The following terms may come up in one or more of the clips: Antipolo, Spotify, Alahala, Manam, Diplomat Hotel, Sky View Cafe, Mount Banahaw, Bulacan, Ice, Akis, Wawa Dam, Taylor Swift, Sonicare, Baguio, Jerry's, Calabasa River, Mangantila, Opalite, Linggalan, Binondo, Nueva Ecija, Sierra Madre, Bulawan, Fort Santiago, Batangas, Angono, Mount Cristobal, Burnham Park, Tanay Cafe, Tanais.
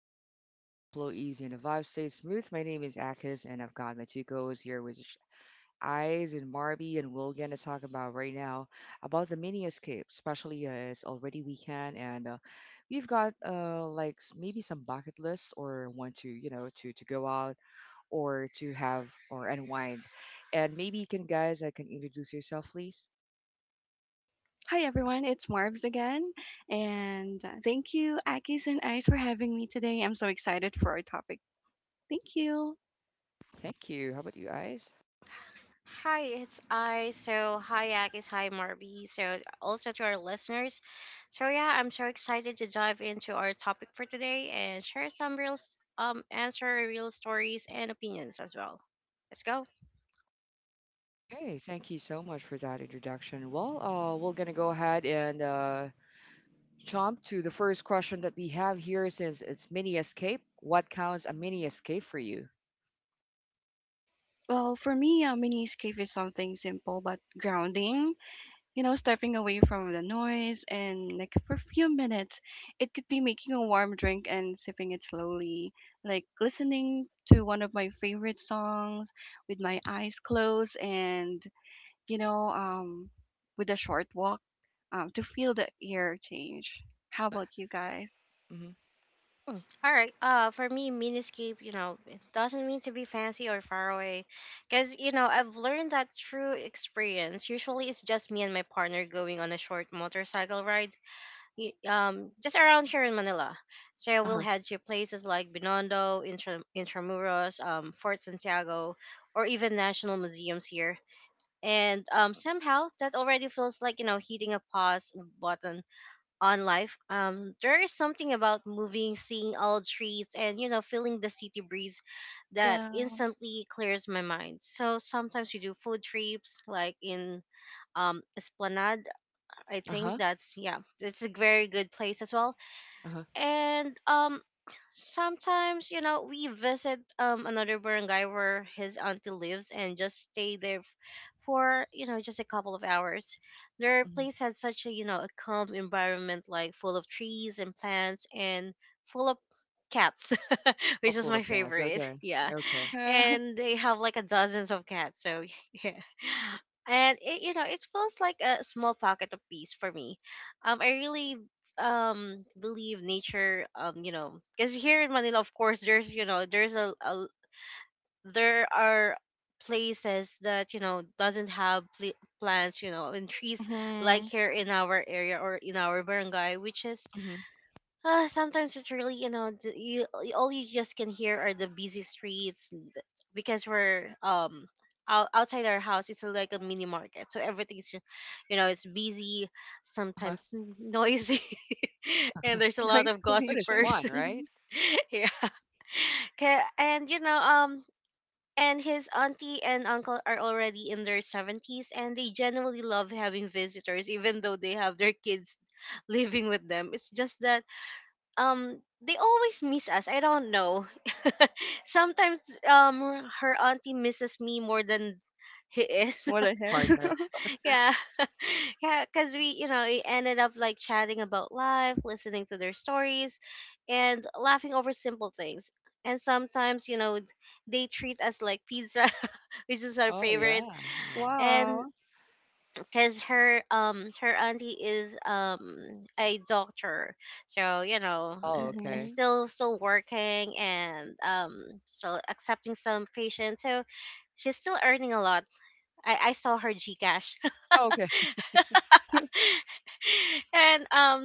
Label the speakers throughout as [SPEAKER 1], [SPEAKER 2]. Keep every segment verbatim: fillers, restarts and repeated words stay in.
[SPEAKER 1] zone where conversation flow easy and the vibe stays smooth, my name is Akis and I've got my two co-hosts here with Eyes and Marby and we're gonna talk about right now about the mini escape, especially uh, it's already weekend and uh, we've got uh like s- maybe some bucket lists or want to you know to to go out or to have or unwind, and maybe you can guys I can introduce yourself please.
[SPEAKER 2] Hi everyone, it's Marvs again, and uh, thank you, Akis and Ice, for having me today. I'm so excited for our topic. Thank you.
[SPEAKER 1] Thank you. How about you, Eyes?
[SPEAKER 3] Hi, it's I. So, hi, Agis. Hi, Marby. So, also to our listeners. So, yeah, I'm so excited to dive into our topic for today and share some real, s- um, answer real stories and opinions as well. Let's go.
[SPEAKER 1] Okay, thank you so much for that introduction. Well, uh, we're gonna go ahead and uh, jump to the first question that we have here, since it's mini escape. What counts a mini escape for you?
[SPEAKER 2] Well, for me, a mini escape is something simple but grounding. You know, stepping away from the noise and like for a few minutes, it could be making a warm drink and sipping it slowly, like listening to one of my favorite songs with my eyes closed, and you know, um, with a short walk, um, to feel the air change. How about you guys?
[SPEAKER 1] Mm-hmm.
[SPEAKER 3] Mm. All right. Uh, for me, miniscape, you know, it doesn't mean to be fancy or far away, because you know I've learned that through experience. Usually, it's just me and my partner going on a short motorcycle ride y- um just around here in Manila. So
[SPEAKER 1] Uh
[SPEAKER 3] we'll
[SPEAKER 1] huh.
[SPEAKER 3] head to places like Binondo, Intra- Intramuros, um, Fort Santiago, or even national museums here. And um, somehow that already feels like you know hitting a pause button on life. Um, there is something about moving, seeing old streets, and you know feeling the city breeze that
[SPEAKER 2] Yeah,
[SPEAKER 3] instantly clears my mind. So sometimes we do food trips, like in um Esplanade. I
[SPEAKER 1] Uh
[SPEAKER 3] think
[SPEAKER 1] huh.
[SPEAKER 3] that's yeah, it's a very good place as well,
[SPEAKER 1] Uh huh.
[SPEAKER 3] and um sometimes you know we visit um another barangay where his auntie lives and just stay there f- for you know just a couple of hours. Their
[SPEAKER 1] Mm-hmm.
[SPEAKER 3] place has such a you know a calm environment, like full of trees and plants and full of cats
[SPEAKER 1] A
[SPEAKER 3] which is
[SPEAKER 1] full
[SPEAKER 3] my
[SPEAKER 1] of gas.
[SPEAKER 3] favorite.
[SPEAKER 1] Okay.
[SPEAKER 3] Yeah,
[SPEAKER 1] Okay.
[SPEAKER 2] yeah.
[SPEAKER 3] and they have like a dozens of cats, so yeah, and it, you know it feels like a small pocket of peace for me. Um i really um believe nature. Um you know, because here in Manila, of course there's, you know, there's a, a there are places that you know doesn't have pl- plants you know and trees like
[SPEAKER 2] Mhm.
[SPEAKER 3] here in our area or in our barangay, which is,
[SPEAKER 1] Mm-hmm.
[SPEAKER 3] uh, sometimes it's really, you know, d- you all you just can hear are the busy streets, n- th- because we're um out, outside our house. It's like a mini market, so everything's, ju- you know, it's busy,
[SPEAKER 1] Uh huh.
[SPEAKER 3] sometimes n- noisy, and
[SPEAKER 2] A
[SPEAKER 3] there's a lot
[SPEAKER 2] nice
[SPEAKER 3] of
[SPEAKER 1] But it's
[SPEAKER 2] solution.
[SPEAKER 3] gossipers.
[SPEAKER 1] fun,
[SPEAKER 2] Mhm.
[SPEAKER 1] right?
[SPEAKER 3] Yeah. Okay, and you know, um, and his auntie and uncle are already in their seventies, and they generally love having visitors, even though they have their kids living with them. It's just that um they always miss us. I don't know. Sometimes um her auntie misses me more than he is.
[SPEAKER 2] What a hell.
[SPEAKER 1] Partner.
[SPEAKER 3] Yeah. Yeah, cuz we, you know, we ended up like chatting about life, listening to their stories and laughing over simple things. And sometimes, you know, they treat us like pizza, which is our
[SPEAKER 1] Oh
[SPEAKER 3] favorite.
[SPEAKER 1] yeah. Yeah.
[SPEAKER 3] And
[SPEAKER 2] wow.
[SPEAKER 3] because her um her auntie is um a doctor, so you know
[SPEAKER 1] Oh,
[SPEAKER 3] uh, is
[SPEAKER 1] okay.
[SPEAKER 2] Mhm.
[SPEAKER 3] still still working, and um still accepting some patients, so she's still earning a lot. I i saw her GCash.
[SPEAKER 1] Okay.
[SPEAKER 3] And um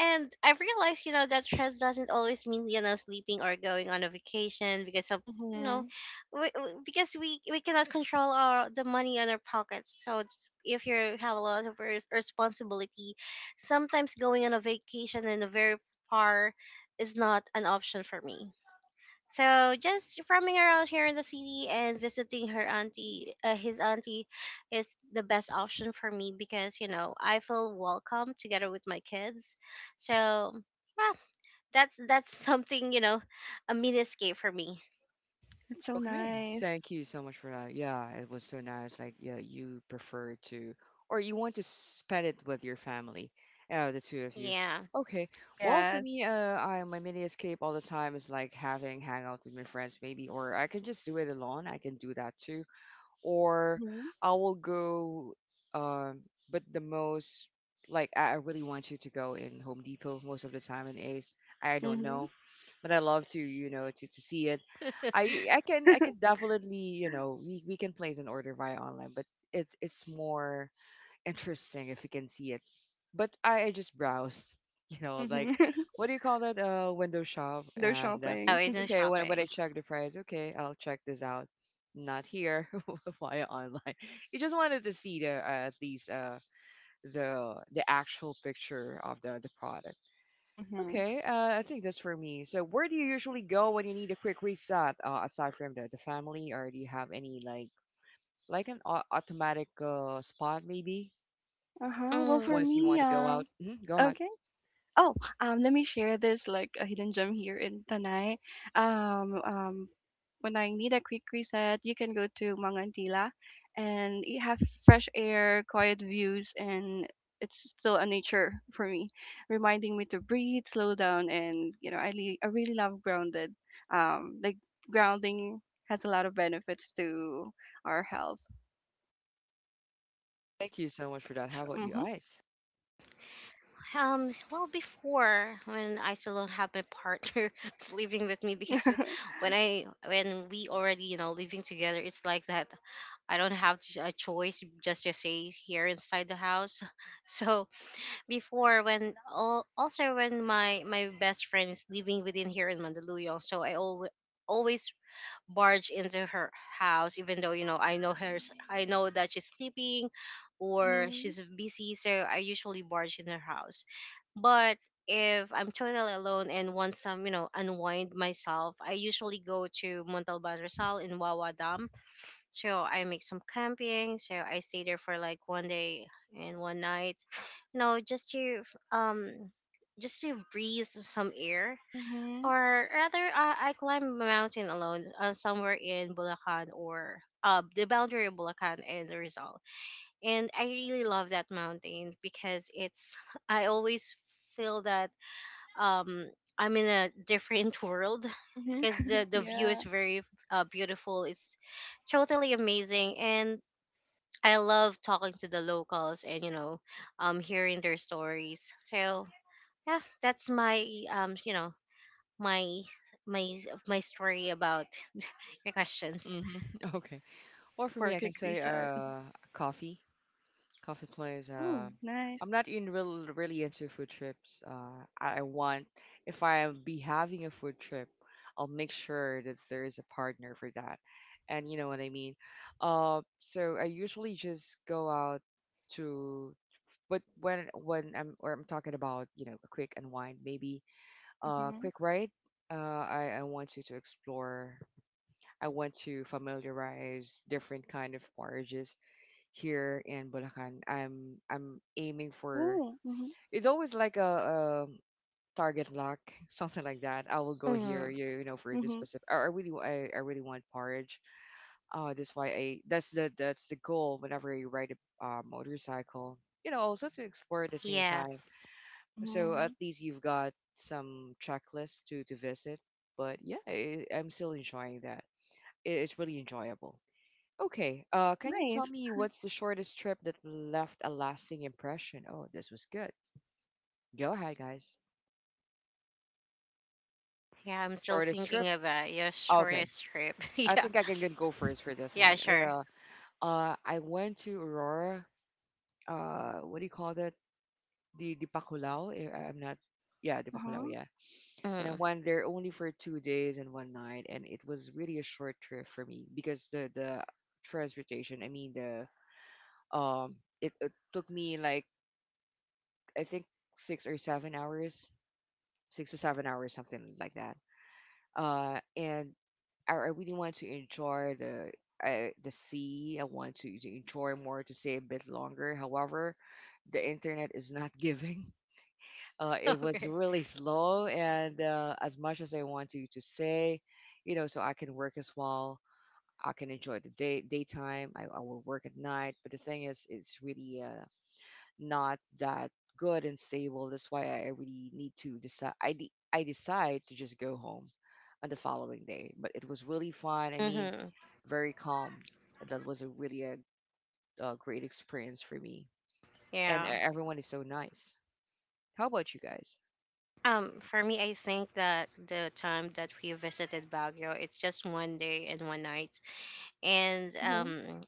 [SPEAKER 3] And I've realized, you know, that stress doesn't always mean, you know, sleeping or going on a vacation because of, you know,
[SPEAKER 2] Mhm.
[SPEAKER 3] we, we- because we we cannot control our the money in our pockets. So it's, if you have a lot of res- responsibility, sometimes going on a vacation in a very far is not an option for me. So just roaming around here in the city and visiting her auntie, uh, his auntie, is the best option for me because you know I feel welcome together with my kids. So yeah, that's that's something you know, a mini escape for me.
[SPEAKER 2] It's so
[SPEAKER 1] Okay,
[SPEAKER 2] nice.
[SPEAKER 1] thank you so much for that. Yeah, it was so nice. Like, yeah, you prefer to, or you want to spend it with your family, uh, the two of you.
[SPEAKER 3] Yeah,
[SPEAKER 1] Okay. Well, for
[SPEAKER 2] Yes.
[SPEAKER 1] me, uh, I my mini escape all the time is like having hangout with my friends, maybe, or I can just do it alone. I can do that too, or
[SPEAKER 2] Mhm.
[SPEAKER 1] I will go. Um, but the most, like, I I really want you to go in Home Depot most of the time in Ace. I don't
[SPEAKER 2] Mhm.
[SPEAKER 1] know, but I love to, you know, to to see it. I I can
[SPEAKER 2] Mhm.
[SPEAKER 1] I can definitely you know we, we can place an order via online, but it's it's more interesting if you can see it. But I, I just browsed, you know, like, what do you call that? Uh, window shop.
[SPEAKER 2] Window
[SPEAKER 1] And uh,
[SPEAKER 2] shopping.
[SPEAKER 3] always no
[SPEAKER 1] okay, when when I
[SPEAKER 3] shopping.
[SPEAKER 1] check the price, okay, I'll check this out. Not here via online. You just wanted to see the, uh, at least uh the the actual picture of the the product.
[SPEAKER 2] Mhm.
[SPEAKER 1] Okay, uh, I think that's for me. So, where do you usually go when you need a quick reset, uh, aside from the, the family, or do you have any, like like an au- automatic uh, spot maybe
[SPEAKER 2] Uh huh. Well,
[SPEAKER 3] Mm.
[SPEAKER 2] for
[SPEAKER 1] once you want
[SPEAKER 2] me,
[SPEAKER 1] to go out?
[SPEAKER 2] um,
[SPEAKER 1] Hmm, go ahead.
[SPEAKER 2] okay. Oh, um, let me share this like a hidden gem here in Tanay. Um, um, when I need a quick reset, you can go to Mangantila, and you have fresh air, quiet views, and it's still a nature for me, reminding me to breathe, slow down, and you know, I really, I really love grounded. Um, like grounding has a lot of benefits to our health.
[SPEAKER 1] Thank you so much for that.
[SPEAKER 2] That's
[SPEAKER 1] How about you,
[SPEAKER 2] mhm,
[SPEAKER 1] Ice?
[SPEAKER 3] Um, well, before when I still don't have my partner that's living with me, because when I when we already you know living together, it's like that. I don't have ch- a choice just to stay here inside the house. So before when al- also when my my best friend is living within here in Mandaluyong, so I always always barge into her house, even though you know i know her s- i know that she's sleeping or
[SPEAKER 2] mhm,
[SPEAKER 3] she's busy, so I usually barge in her house. But if I'm totally alone and want some you know unwind myself, I usually go to Montalban Rizal in Wawa Dam, so I make some camping, so I stay there for like one day and one night, you know, just to um just to breathe some air.
[SPEAKER 2] mhm,
[SPEAKER 3] Or rather, uh, I climbed a mountain alone uh, somewhere in Bulacan, or uh, the boundary of Bulacan and Rizal, and I really love that mountain because it's I always feel that um I'm in a different world,
[SPEAKER 2] mhm.
[SPEAKER 3] because the, the view
[SPEAKER 2] Yeah,
[SPEAKER 3] is very uh, beautiful. It's totally amazing, and I love talking to the locals and you know um hearing their stories. So yeah, that's my um you know my my my story about your questions.
[SPEAKER 1] Hmm. Okay. Well, for
[SPEAKER 2] for
[SPEAKER 1] me,
[SPEAKER 2] a
[SPEAKER 1] I can
[SPEAKER 2] quick
[SPEAKER 1] say
[SPEAKER 2] reset.
[SPEAKER 1] uh, coffee. Coffee place.
[SPEAKER 2] Oh,
[SPEAKER 1] Uh,
[SPEAKER 2] nice.
[SPEAKER 1] I'm not in real really into food trips. Uh, I I want, if I be having a food trip, I'll make sure that there is a partner for that, and you know what I mean. Uh, so I usually just go out to, but when when I'm or I'm talking about, you know a quick unwind, maybe a
[SPEAKER 2] Mhm.
[SPEAKER 1] quick ride. Uh, I I want you to explore. I want to familiarize different kind of bars here in Bulacan. I'm I'm aiming for,
[SPEAKER 2] Oh, mhm.
[SPEAKER 1] it's always like a, um target lock, something like that. I will go
[SPEAKER 3] Mm,
[SPEAKER 1] here, you, you know, for this
[SPEAKER 2] Mhm.
[SPEAKER 1] specific. I I really wa- I, I really want porridge. Uh, that's why I that's the that's the goal whenever you ride a uh, motorcycle. You know, also to explore at the same
[SPEAKER 3] yeah,
[SPEAKER 1] time. So
[SPEAKER 2] Mhm.
[SPEAKER 1] at least you've got some checklists to to visit. But yeah, I, I'm still enjoying that. It, it's really enjoyable. Okay, uh, can you tell
[SPEAKER 2] Nice.
[SPEAKER 1] me what's the shortest trip that left a lasting impression? Oh, this was good. Go ahead, guys.
[SPEAKER 3] yeah, I'm still
[SPEAKER 1] Shortest trip?
[SPEAKER 3] thinking about your
[SPEAKER 1] Okay.
[SPEAKER 3] shortest trip.
[SPEAKER 1] I
[SPEAKER 3] Yeah,
[SPEAKER 1] think I can g- go first for this
[SPEAKER 3] yeah,
[SPEAKER 1] one. Er,
[SPEAKER 3] sure.
[SPEAKER 1] Uh, uh, I went to Aurora. Uh, what do you call that? The the Pakulao. eh, I- I'm not. Yeah, the Pakulao.
[SPEAKER 2] Uh-huh.
[SPEAKER 1] Yeah, and I
[SPEAKER 3] Mm,
[SPEAKER 1] went there only for two days and one night, and it was really a short trip for me, because the the transportation. I mean, the um, it, it took me like, I think, six or seven hours, six to seven hours, something like that. Uh, and I, I really want to enjoy the uh, the sea. I want to, to enjoy more, to stay a bit longer. However, the internet is not giving. Uh, it was
[SPEAKER 3] okay.
[SPEAKER 1] really slow, and uh, as much as I want to to stay, you know, so I can work as well. I can enjoy the day daytime. I, I will work at night, but the thing is, it's really uh, not that good and stable. That's why I really need to decide. I, de- I decide to just go home on the following day. But it was really fun. I mean,
[SPEAKER 3] Mm-hmm.
[SPEAKER 1] very calm. That was a really a, a great experience for me. And e-
[SPEAKER 3] Yeah.
[SPEAKER 1] everyone is so nice. How about you guys?
[SPEAKER 3] Um, for me, I think that the time that we visited Baguio, it's just one day and one night, and
[SPEAKER 2] Mhm.
[SPEAKER 3] um,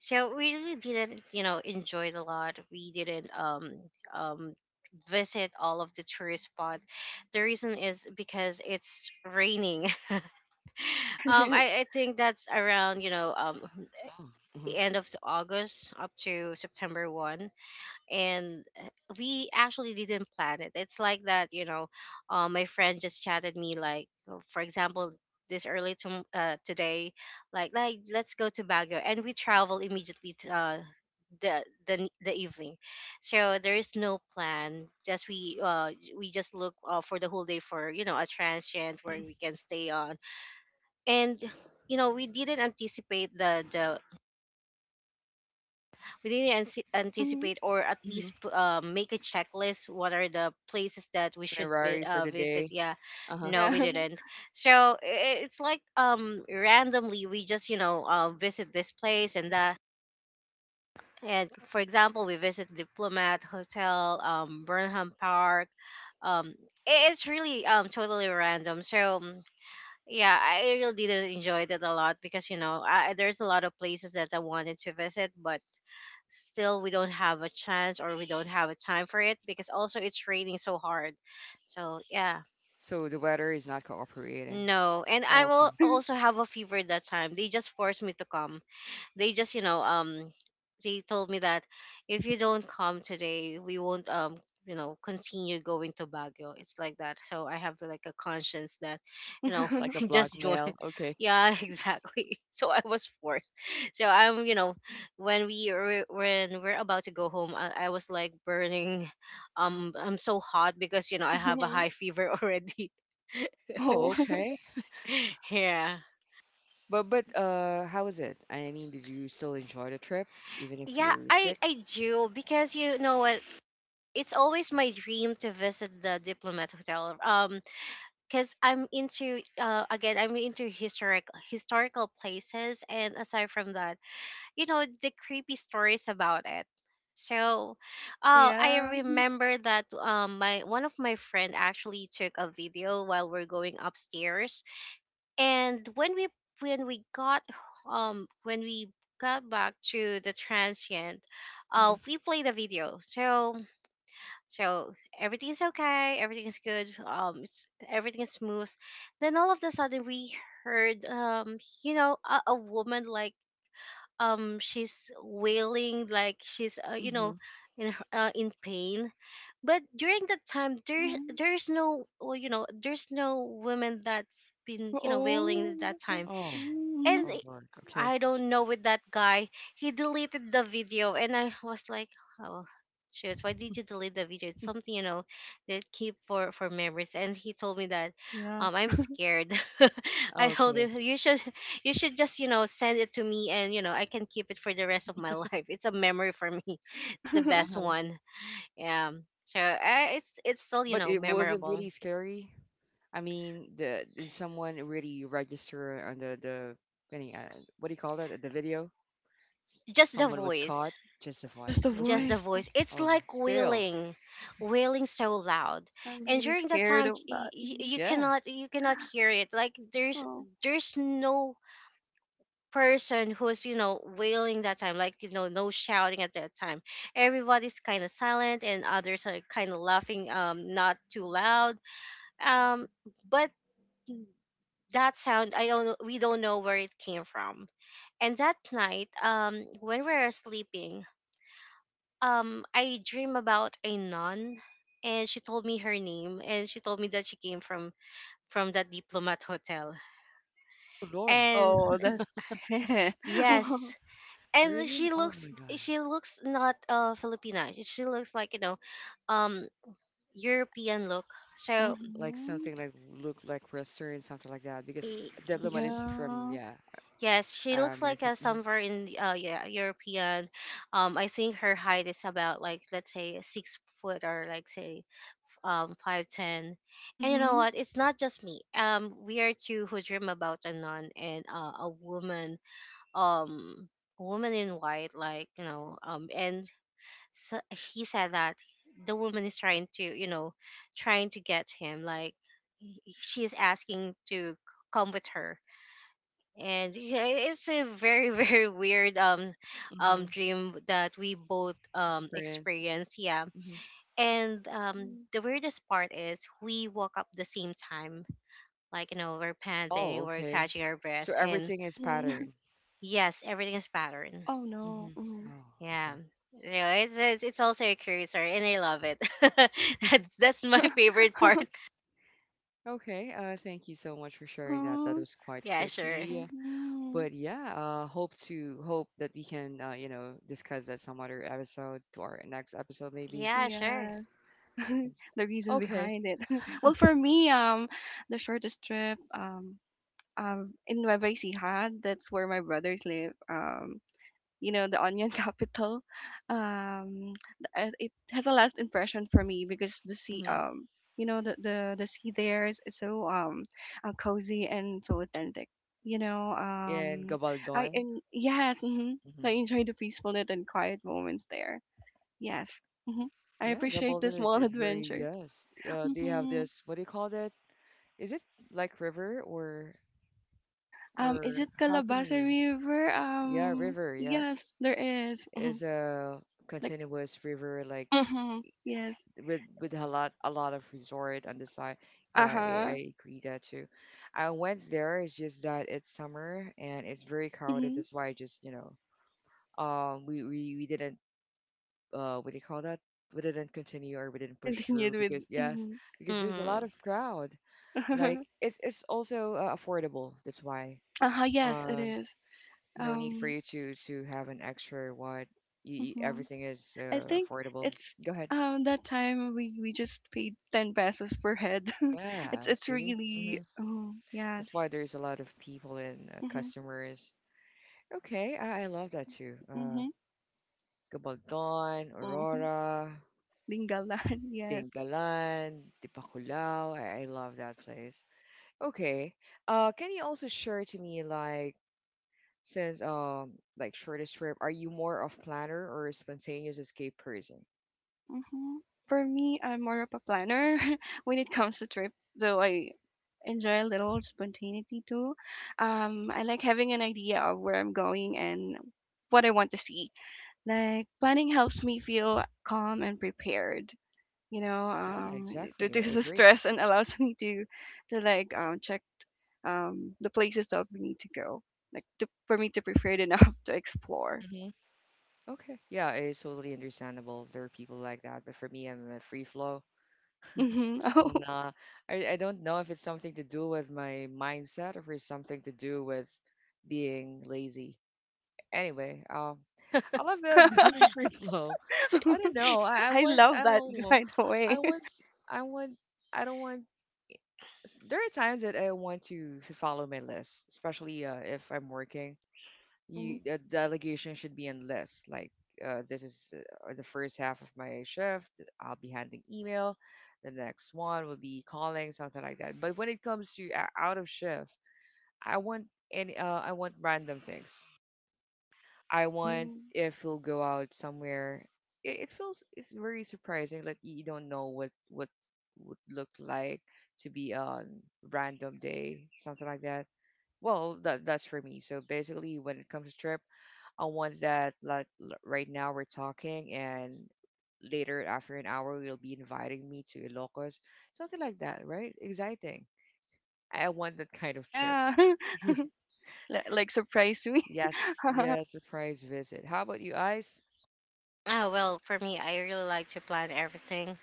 [SPEAKER 3] so we really didn't you know enjoy it a lot. We didn't um um visit all of the tourist spot. The reason is because it's raining. um i, I think that's around you know um
[SPEAKER 1] Oh, mm-hmm.
[SPEAKER 3] the end of August up to September first, and uh, we actually didn't plan it. It's like that, you know, uh, my friend just chatted me like uh, for example this early tom uh, today, like like let's go to Baguio, and we travel immediately to uh, the, the n- the evening. So there is no plan. Just we uh j- we just look uh, for the whole day for you know a transient where we can stay on. And you know we didn't anticipate the the we didn't anci-
[SPEAKER 2] Mhm.
[SPEAKER 3] anticipate or at
[SPEAKER 1] Mm-hmm.
[SPEAKER 3] least p- uh, make a checklist what are the places that we should be,
[SPEAKER 1] Itinerary for
[SPEAKER 3] uh,
[SPEAKER 1] the
[SPEAKER 3] visit.
[SPEAKER 1] day.
[SPEAKER 3] Yeah,
[SPEAKER 1] Uh huh.
[SPEAKER 3] no, we
[SPEAKER 2] Yeah.
[SPEAKER 3] didn't. So I- it's like um randomly we just you know uh, visit this place and that, and for example we visit Diplomat Hotel, um Burnham Park. um i- it's really um totally random. So um, yeah, I really didn't enjoy that a lot, because you know I, there's a lot of places that I wanted to visit, but still we don't have a chance or we don't have a time for it, because also it's raining so hard. So yeah,
[SPEAKER 1] So the weather is not cooperating.
[SPEAKER 3] no, and I
[SPEAKER 1] Oh,
[SPEAKER 3] will
[SPEAKER 1] okay.
[SPEAKER 3] also have a fever that time. They just forced me to come. They just you know um they told me that if you don't come today we won't um you know continue going to Baguio. It's like that, so I have like a conscience that you know
[SPEAKER 1] Like a
[SPEAKER 3] just join.
[SPEAKER 1] blackmail. Okay.
[SPEAKER 3] Yeah, exactly, so I was forced. So I'm you know when we were when we're about to go home, i, I was like burning. Um i'm so hot because you know I have a
[SPEAKER 2] Mhm.
[SPEAKER 3] high fever. Already
[SPEAKER 1] Oh,
[SPEAKER 2] Oh.
[SPEAKER 1] okay.
[SPEAKER 3] yeah.
[SPEAKER 1] But
[SPEAKER 2] Mm.
[SPEAKER 1] but uh, how was it? I mean, did you still enjoy the trip even if
[SPEAKER 3] Yeah,
[SPEAKER 1] you're
[SPEAKER 3] i
[SPEAKER 1] sick?
[SPEAKER 3] i do because you know what, it's always my dream to visit the Diplomat Hotel. Um, because I'm into uh again I'm into historic historical places, and aside from that, you know the creepy stories about it. So,
[SPEAKER 2] Oh,
[SPEAKER 3] oh, I
[SPEAKER 2] yeah.
[SPEAKER 3] remember that um my one of my friend actually took a video while we're going upstairs, and when we when we got um when we got back to the transient, uh
[SPEAKER 1] Mm-hmm.
[SPEAKER 3] we played the video. So so everything's okay, everything's good, um, it's everything's smooth. Then all of a sudden we heard, um, you know, a, a woman like, um, she's wailing like she's, uh, you
[SPEAKER 1] Mm-hmm.
[SPEAKER 3] know, in her- uh, in pain. But during that time, there
[SPEAKER 2] Mhm.
[SPEAKER 3] there's no, well, you know, there's no woman that's been, you know, wailing at that
[SPEAKER 2] Oh.
[SPEAKER 3] time.
[SPEAKER 1] Oh,
[SPEAKER 3] And
[SPEAKER 2] Mhm.
[SPEAKER 1] oh Lord. Okay.
[SPEAKER 3] I don't know with that guy. He deleted the video, and I was like, oh, shoot, why did you delete the video? It's something you know that keep for for memories. And he told me that,
[SPEAKER 2] Yeah.
[SPEAKER 3] um, I'm scared. I told
[SPEAKER 1] Okay.
[SPEAKER 3] him you should you should just you know send it to me, and you know I can keep it for the rest of my life. It's a memory for me. It's the best
[SPEAKER 1] Uh-huh.
[SPEAKER 3] one. Yeah. So I, it's it's still you
[SPEAKER 1] But
[SPEAKER 3] know
[SPEAKER 1] it was it
[SPEAKER 3] memorable.
[SPEAKER 1] really scary? I mean, the did someone really register on the the any, uh, what do you call that? The video? S-
[SPEAKER 3] Just the
[SPEAKER 1] Someone was
[SPEAKER 3] voice.
[SPEAKER 1] caught.
[SPEAKER 2] Just the
[SPEAKER 1] Justifies.
[SPEAKER 3] Just
[SPEAKER 1] Okay.
[SPEAKER 3] the
[SPEAKER 2] voice. Oh,
[SPEAKER 3] voice, it's
[SPEAKER 1] Oh,
[SPEAKER 3] like
[SPEAKER 1] still.
[SPEAKER 3] wailing, wailing so loud.
[SPEAKER 2] I'm
[SPEAKER 3] And
[SPEAKER 2] really
[SPEAKER 3] during that
[SPEAKER 2] scared
[SPEAKER 3] time
[SPEAKER 2] of
[SPEAKER 3] y-
[SPEAKER 2] that.
[SPEAKER 3] y-
[SPEAKER 2] Mhm.
[SPEAKER 3] you
[SPEAKER 1] Yeah.
[SPEAKER 3] cannot you cannot hear it. Like there's
[SPEAKER 2] Oh.
[SPEAKER 3] there's no person who's you know wailing that time, like you know no shouting at that time. Everybody's kind of silent, and others are kind of laughing, um not too loud. um but that sound, I don't know, we don't know where it came from. And that night, um when we were sleeping, um I dream about a nun, and she told me her name, and she told me that she came from from that Diplomat Hotel.
[SPEAKER 1] Oh Lord.
[SPEAKER 3] And
[SPEAKER 2] Oh, that.
[SPEAKER 3] yes, and she
[SPEAKER 1] Really? Oh
[SPEAKER 3] looks,
[SPEAKER 1] my God.
[SPEAKER 3] she looks not uh Filipina. She she looks like, you know, um European look. So
[SPEAKER 1] Like
[SPEAKER 2] Mhm.
[SPEAKER 1] something like look like Western, something like that. Because
[SPEAKER 3] y-
[SPEAKER 1] Diplomat
[SPEAKER 3] y-
[SPEAKER 1] is from,
[SPEAKER 2] Yeah.
[SPEAKER 1] yeah,
[SPEAKER 3] yes,
[SPEAKER 1] uh,
[SPEAKER 3] she looks like
[SPEAKER 1] American.
[SPEAKER 3] uh,
[SPEAKER 1] Mm.
[SPEAKER 3] somewhere in the- uh yeah, European. Um I think her height is about, like, let's say six foot, or like say um five ten. And you know
[SPEAKER 2] Mhm.
[SPEAKER 3] what, it's not just me. Um we are two who dream about a nun and uh, a woman, um woman in white, like, you know. Um and so He said that the woman is trying to, you know, trying to get him, like he- she is asking to come with her. And yeah, it's a very very weird um
[SPEAKER 1] Mm-hmm.
[SPEAKER 3] um dream that we both um
[SPEAKER 1] Experience.
[SPEAKER 3] experienced, yeah.
[SPEAKER 1] Hmm.
[SPEAKER 3] And um,
[SPEAKER 2] Mhm.
[SPEAKER 3] the weirdest part is we woke up the same time. Like, you know, we're
[SPEAKER 1] Oh,
[SPEAKER 3] panting, we're
[SPEAKER 1] okay.
[SPEAKER 3] catching our breath.
[SPEAKER 1] So
[SPEAKER 3] And
[SPEAKER 1] everything is
[SPEAKER 2] Mhm.
[SPEAKER 1] pattern.
[SPEAKER 3] yes, everything is pattern.
[SPEAKER 2] Oh no.
[SPEAKER 1] Hmm.
[SPEAKER 2] Mhm.
[SPEAKER 1] Oh,
[SPEAKER 3] Yeah.
[SPEAKER 1] okay.
[SPEAKER 3] You know, it's, it's, it's also a curious story, and I love it. That's, that's my favorite part.
[SPEAKER 1] Okay, uh, thank you so much for sharing that. That
[SPEAKER 2] Mm-hmm.
[SPEAKER 1] was quite
[SPEAKER 3] Yeah, sure.
[SPEAKER 1] creepy.
[SPEAKER 2] Mm-hmm.
[SPEAKER 1] But yeah, uh, hope to hope that we can, uh, you know, discuss that some other episode, to our next episode, maybe.
[SPEAKER 3] Yeah, sure.
[SPEAKER 2] Yes. The reason
[SPEAKER 1] Okay.
[SPEAKER 2] behind it. Well, for me, um, the shortest trip, um, um, in Nueva Ecija, that's where my brothers live. Um, you know, the onion capital. Um, th- uh, it has a last impression for me because the sea,
[SPEAKER 1] Mm-hmm.
[SPEAKER 2] um, you know, the the the sea there is is so um, uh, cozy and so authentic. You know,
[SPEAKER 1] And
[SPEAKER 2] um, I
[SPEAKER 1] Gabaldon.
[SPEAKER 2] and yes, mm-hmm. I
[SPEAKER 1] Mm-hmm.
[SPEAKER 2] enjoy the peacefulness and quiet moments there. Yes. hmm I
[SPEAKER 1] Yeah,
[SPEAKER 2] appreciate the
[SPEAKER 1] Gabaldon is,
[SPEAKER 2] small
[SPEAKER 1] is very,
[SPEAKER 2] adventures.
[SPEAKER 1] yes. Uh, they have
[SPEAKER 2] hmm
[SPEAKER 1] this, what do you call that? Is it like river or?
[SPEAKER 2] Um, is
[SPEAKER 1] Or
[SPEAKER 2] it
[SPEAKER 1] how can
[SPEAKER 2] Calabasa
[SPEAKER 1] you?
[SPEAKER 2] River?
[SPEAKER 1] Yeah,
[SPEAKER 2] Um,
[SPEAKER 1] river.
[SPEAKER 2] yes,
[SPEAKER 1] Yes,
[SPEAKER 2] there is.
[SPEAKER 1] it is a
[SPEAKER 2] Like,
[SPEAKER 1] continuous river, like,
[SPEAKER 2] hmm yes.
[SPEAKER 1] with with a lot a lot of resort on the side. Yeah,
[SPEAKER 2] Uh
[SPEAKER 1] I,
[SPEAKER 2] huh.
[SPEAKER 1] I agree that too. I went there. It's just that it's summer and it's very crowded.
[SPEAKER 2] hmm
[SPEAKER 1] That's why I just you know um we we, we didn't, uh what do you call that? We didn't continue, or we didn't push through,
[SPEAKER 2] Continued with.
[SPEAKER 1] because yes,
[SPEAKER 2] Hmm.
[SPEAKER 1] because there's a lot
[SPEAKER 3] Mm-hmm.
[SPEAKER 1] of crowd. Like, it's it's also uh, affordable. That's why.
[SPEAKER 2] uh huh. Yes, it
[SPEAKER 1] Um,
[SPEAKER 2] is.
[SPEAKER 1] no need for
[SPEAKER 2] Um,
[SPEAKER 1] you to to have an extra what. You,
[SPEAKER 2] hmm
[SPEAKER 1] everything is
[SPEAKER 2] I
[SPEAKER 1] uh,
[SPEAKER 2] think
[SPEAKER 1] affordable.
[SPEAKER 2] it's
[SPEAKER 1] Go ahead.
[SPEAKER 2] um that time we we just paid ten pesos per head.
[SPEAKER 1] Yeah.
[SPEAKER 2] it's it's
[SPEAKER 1] See. Hmm,
[SPEAKER 2] really. Oh yes.
[SPEAKER 1] that's why there's a lot of people and, uh,
[SPEAKER 2] Mm-hmm.
[SPEAKER 1] customers. Okay, I, I love that too. uh
[SPEAKER 2] Mm-hmm.
[SPEAKER 1] Gabaldon,
[SPEAKER 2] Mm-hmm.
[SPEAKER 1] Aurora,
[SPEAKER 2] Linggalan. Yes.
[SPEAKER 1] Dingalan, Dipakulao. I, I love that place. Okay. Uh, can you also share to me, like, since um like, shortest trip, are you more of planner or a spontaneous escape person?
[SPEAKER 2] Mhm. For me, I'm more of a planner when it comes to trip, though I enjoy a little spontaneity too. Um, I like having an idea of where I'm going and what I want to see. Like planning helps me feel calm and prepared. You know,
[SPEAKER 1] Yeah,
[SPEAKER 2] um, it
[SPEAKER 1] exactly. I
[SPEAKER 2] reduces
[SPEAKER 1] agree.
[SPEAKER 2] stress and allows me to to like um, check um, the places that we need to go, like to, for me to prepare it enough to explore.
[SPEAKER 1] Okay. Yeah, it's totally understandable if there are people like that. But for me, I'm a free flow.
[SPEAKER 2] Hmm Oh,
[SPEAKER 1] Nah, I, I don't know if it's something to do with my mindset or if it's something to do with being lazy. Anyway, um, I love, uh, doing free flow. I don't know. I, I
[SPEAKER 2] I
[SPEAKER 1] want, I
[SPEAKER 2] love
[SPEAKER 1] don't
[SPEAKER 2] that
[SPEAKER 1] know.
[SPEAKER 2] by the
[SPEAKER 1] I
[SPEAKER 2] way.
[SPEAKER 1] want, s- I want, I don't want. s- There are times that I want to f- follow my list, especially uh, if I'm working,
[SPEAKER 2] Mhm.
[SPEAKER 1] you the delegation should be endless. Like, uh, this is, uh, the first half of my shift. I'll be handling email. The next one will be calling, something like that. But when it comes to, uh, out of shift, I want any, uh, I want random things. I want,
[SPEAKER 2] Mm.
[SPEAKER 1] if we'll go out somewhere. It, it feels, it's very surprising that you don't know what what would look like, to be on random day, something like that. Well, that that's for me. So basically, when it comes to trip. I want that, like, l- right now we're talking and later after an hour you'll be inviting me to Ilocos, something like that, right? Exciting. I I want that kind of trip.
[SPEAKER 2] Yeah.
[SPEAKER 1] Ye-
[SPEAKER 2] Li like surprise me.
[SPEAKER 1] yes, yes, surprise visit. How about you, Ice?
[SPEAKER 3] Oh, well, for me, I really like to plan everything.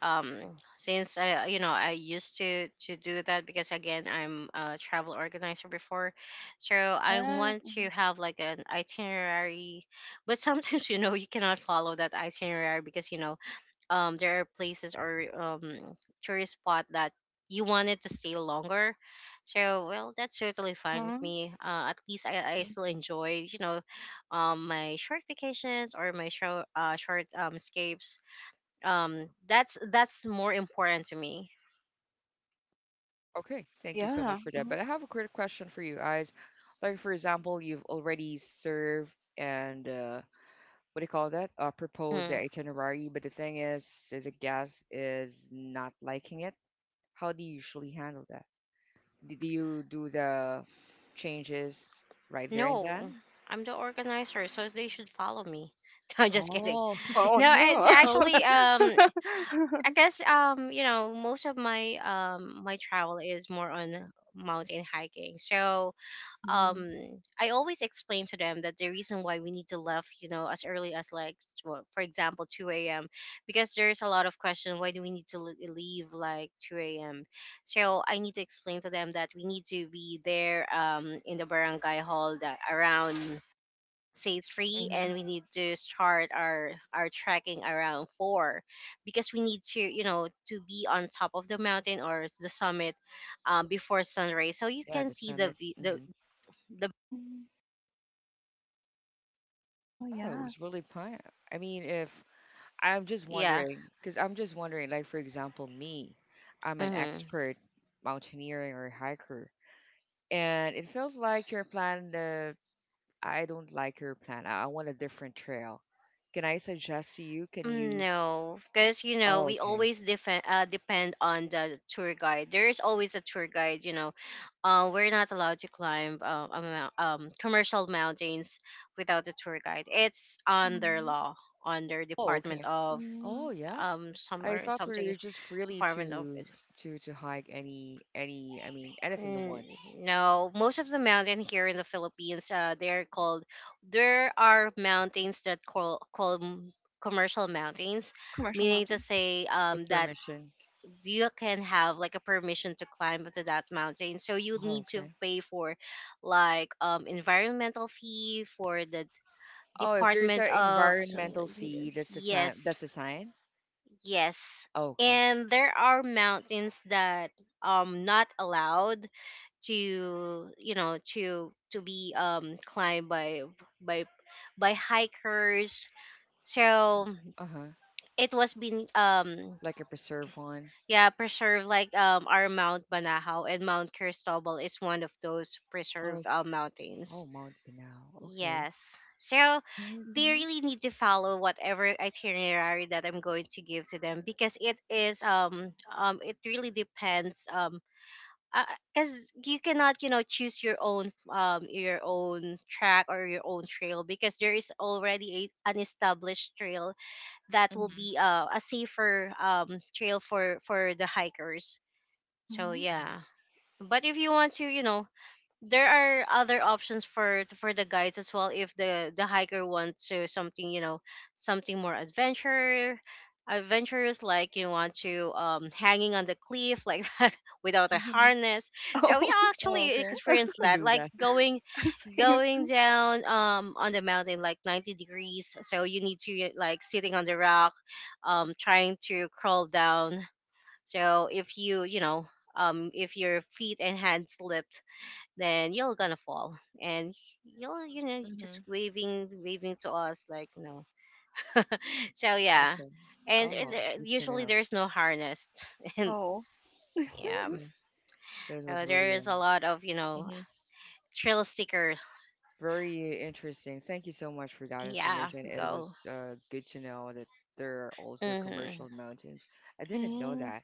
[SPEAKER 3] um since i you know i used to to do that, because again i'm a travel organizer before, so i
[SPEAKER 2] Yeah.
[SPEAKER 3] want to have like an itinerary. But sometimes you know you cannot follow that itinerary, because you know um there are places or um tourist spot that you wanted to stay longer. So well, that's totally fine with
[SPEAKER 2] Uh-huh.
[SPEAKER 3] me. Uh, at least I, I still enjoy, you know, um my short vacations or my show uh short um escapes. um that's that's more important to me.
[SPEAKER 1] Okay, thank you so much
[SPEAKER 2] Yeah.
[SPEAKER 1] for that. But
[SPEAKER 2] Mhm.
[SPEAKER 1] I have a quick question for you, Ice. Like, for example, you've already served and, uh, what do you call that? Uh, proposed the
[SPEAKER 3] Mm,
[SPEAKER 1] itinerary, but the thing is, is the guest is not liking it. How do you usually handle that? Did you do the changes right there and
[SPEAKER 3] no,
[SPEAKER 1] then?
[SPEAKER 3] i'm the organizer, so they should follow me. i'm just kidding.
[SPEAKER 1] Oh,
[SPEAKER 2] Oh
[SPEAKER 3] No it's
[SPEAKER 2] no.
[SPEAKER 1] Oh,
[SPEAKER 3] actually um i guess um you know, most of my um my travel is more on mountain hiking. So um
[SPEAKER 2] Mhm.
[SPEAKER 3] I always explain to them that the reason why we need to leave, you know, as early as like tw- for example two a m, because there's a lot of question, why do we need to le- leave like two a m. So I need to explain to them that we need to be there um in the barangay hall that around say three,
[SPEAKER 1] hmm,
[SPEAKER 3] and we need to start our our trekking around four, because we need to, you know, to be on top of the mountain or the summit um, before sunrise, so you
[SPEAKER 1] yeah,
[SPEAKER 3] can
[SPEAKER 1] the
[SPEAKER 3] see the
[SPEAKER 1] summit.
[SPEAKER 3] vi- the
[SPEAKER 1] Hmm.
[SPEAKER 3] the
[SPEAKER 2] Mm. Oh
[SPEAKER 1] Oh, it
[SPEAKER 2] yeah.
[SPEAKER 1] was really fun. I mean, if I'm just
[SPEAKER 3] Yeah.
[SPEAKER 1] wondering, because I'm just wondering, like for example, me, I'm an
[SPEAKER 3] Mm-hmm.
[SPEAKER 1] expert mountaineering or hiker, and it feels like your plan. Uh, I don't like your plan. I, I want a different trail. Can I suggest to you? Can
[SPEAKER 3] Mm,
[SPEAKER 1] you?
[SPEAKER 3] no, because you know
[SPEAKER 1] Oh,
[SPEAKER 3] we
[SPEAKER 1] okay.
[SPEAKER 3] always depend uh, depend on the tour guide. There is always a tour guide. You know, uh, we're not allowed to climb uh, a mou- um, commercial mountains without a tour guide. It's under
[SPEAKER 2] Mhm.
[SPEAKER 3] law, under
[SPEAKER 1] Oh,
[SPEAKER 3] Department
[SPEAKER 1] okay.
[SPEAKER 3] of
[SPEAKER 1] Oh,
[SPEAKER 2] Mm.
[SPEAKER 1] yeah.
[SPEAKER 3] um
[SPEAKER 1] I
[SPEAKER 3] somewhere
[SPEAKER 1] thought we were
[SPEAKER 3] something
[SPEAKER 1] just freely
[SPEAKER 3] Department of.
[SPEAKER 1] to to to hike any any I mean anything you
[SPEAKER 3] Mm,
[SPEAKER 1] want
[SPEAKER 3] no, most of the mountain here in the Philippines, uh, they're called. There are mountains that call called m- commercial mountains,
[SPEAKER 2] Commercial
[SPEAKER 3] meaning to
[SPEAKER 2] mountain.
[SPEAKER 3] say,
[SPEAKER 1] with
[SPEAKER 3] um, that
[SPEAKER 1] permission.
[SPEAKER 3] you can have like a permission to climb to that mountain. So you
[SPEAKER 1] Oh,
[SPEAKER 3] need to
[SPEAKER 1] okay.
[SPEAKER 3] pay for, like, um, environmental fee for the
[SPEAKER 1] Oh, if there's an
[SPEAKER 3] Department of. So,
[SPEAKER 1] environmental fee, that's a
[SPEAKER 3] yes,
[SPEAKER 1] time. That's a sign.
[SPEAKER 3] yes.
[SPEAKER 1] Oh, okay.
[SPEAKER 3] And there are mountains that um not allowed to, you know, to to be um climbed by by by hikers. So
[SPEAKER 1] Uh huh.
[SPEAKER 3] it was been um
[SPEAKER 1] Like a preserve one.
[SPEAKER 3] yeah preserved, like um our Mount Banahaw and Mount Cristobal is one of those preserved
[SPEAKER 1] Okay.
[SPEAKER 3] uh, mountains.
[SPEAKER 1] Oh, Mount Pinao. Okay.
[SPEAKER 3] Yes, so
[SPEAKER 2] Right.
[SPEAKER 3] they
[SPEAKER 2] Mhm.
[SPEAKER 3] really need to follow whatever itinerary that i'm going to give to them, because it is um um it really depends. Um because you cannot, you know, choose your own um your own track or your own trail, because there is already a, an established trail that will
[SPEAKER 1] Mhm.
[SPEAKER 3] be uh, a safer um trail for for the hikers. So
[SPEAKER 2] Mhm.
[SPEAKER 1] Mhm.
[SPEAKER 3] yeah. But if you want to, you know, there are other options for for the guides as well, if the the hiker wants to something, you know, something more adventure adventurous, like you want to um hanging on the cliff like that without a
[SPEAKER 1] Mhm.
[SPEAKER 3] harness. So we
[SPEAKER 2] Oh,
[SPEAKER 1] Oh,
[SPEAKER 3] actually
[SPEAKER 1] okay. You
[SPEAKER 3] experienced
[SPEAKER 1] can
[SPEAKER 3] that,
[SPEAKER 1] do
[SPEAKER 3] like
[SPEAKER 1] that.
[SPEAKER 3] going
[SPEAKER 2] same.
[SPEAKER 3] going down um on the mountain like 90 degrees, so you need to eh, like sitting on the rock, um trying to crawl down. So if you, you know, um if your feet and hands slip, then you're gonna fall, and you're, you know, just
[SPEAKER 1] Mhm.
[SPEAKER 3] waving waving to us like no. So yeah.
[SPEAKER 1] Okay.
[SPEAKER 3] And it,
[SPEAKER 1] Oh,
[SPEAKER 3] uh,
[SPEAKER 1] good to
[SPEAKER 3] usually
[SPEAKER 1] know.
[SPEAKER 3] there's no harness. And
[SPEAKER 2] Oh.
[SPEAKER 1] Oh,
[SPEAKER 3] yeah,
[SPEAKER 1] okay. That was
[SPEAKER 3] uh, there
[SPEAKER 1] really
[SPEAKER 3] is
[SPEAKER 1] um.
[SPEAKER 3] a lot of, you know,
[SPEAKER 1] Mhm.
[SPEAKER 3] trail sticker.
[SPEAKER 1] Very interesting. Thank you so much for that
[SPEAKER 3] Yeah,
[SPEAKER 1] information. It
[SPEAKER 3] go.
[SPEAKER 1] was uh, good to know that there are also
[SPEAKER 3] Hmm.
[SPEAKER 1] commercial mountains. I didn't know
[SPEAKER 2] Mm.
[SPEAKER 1] that.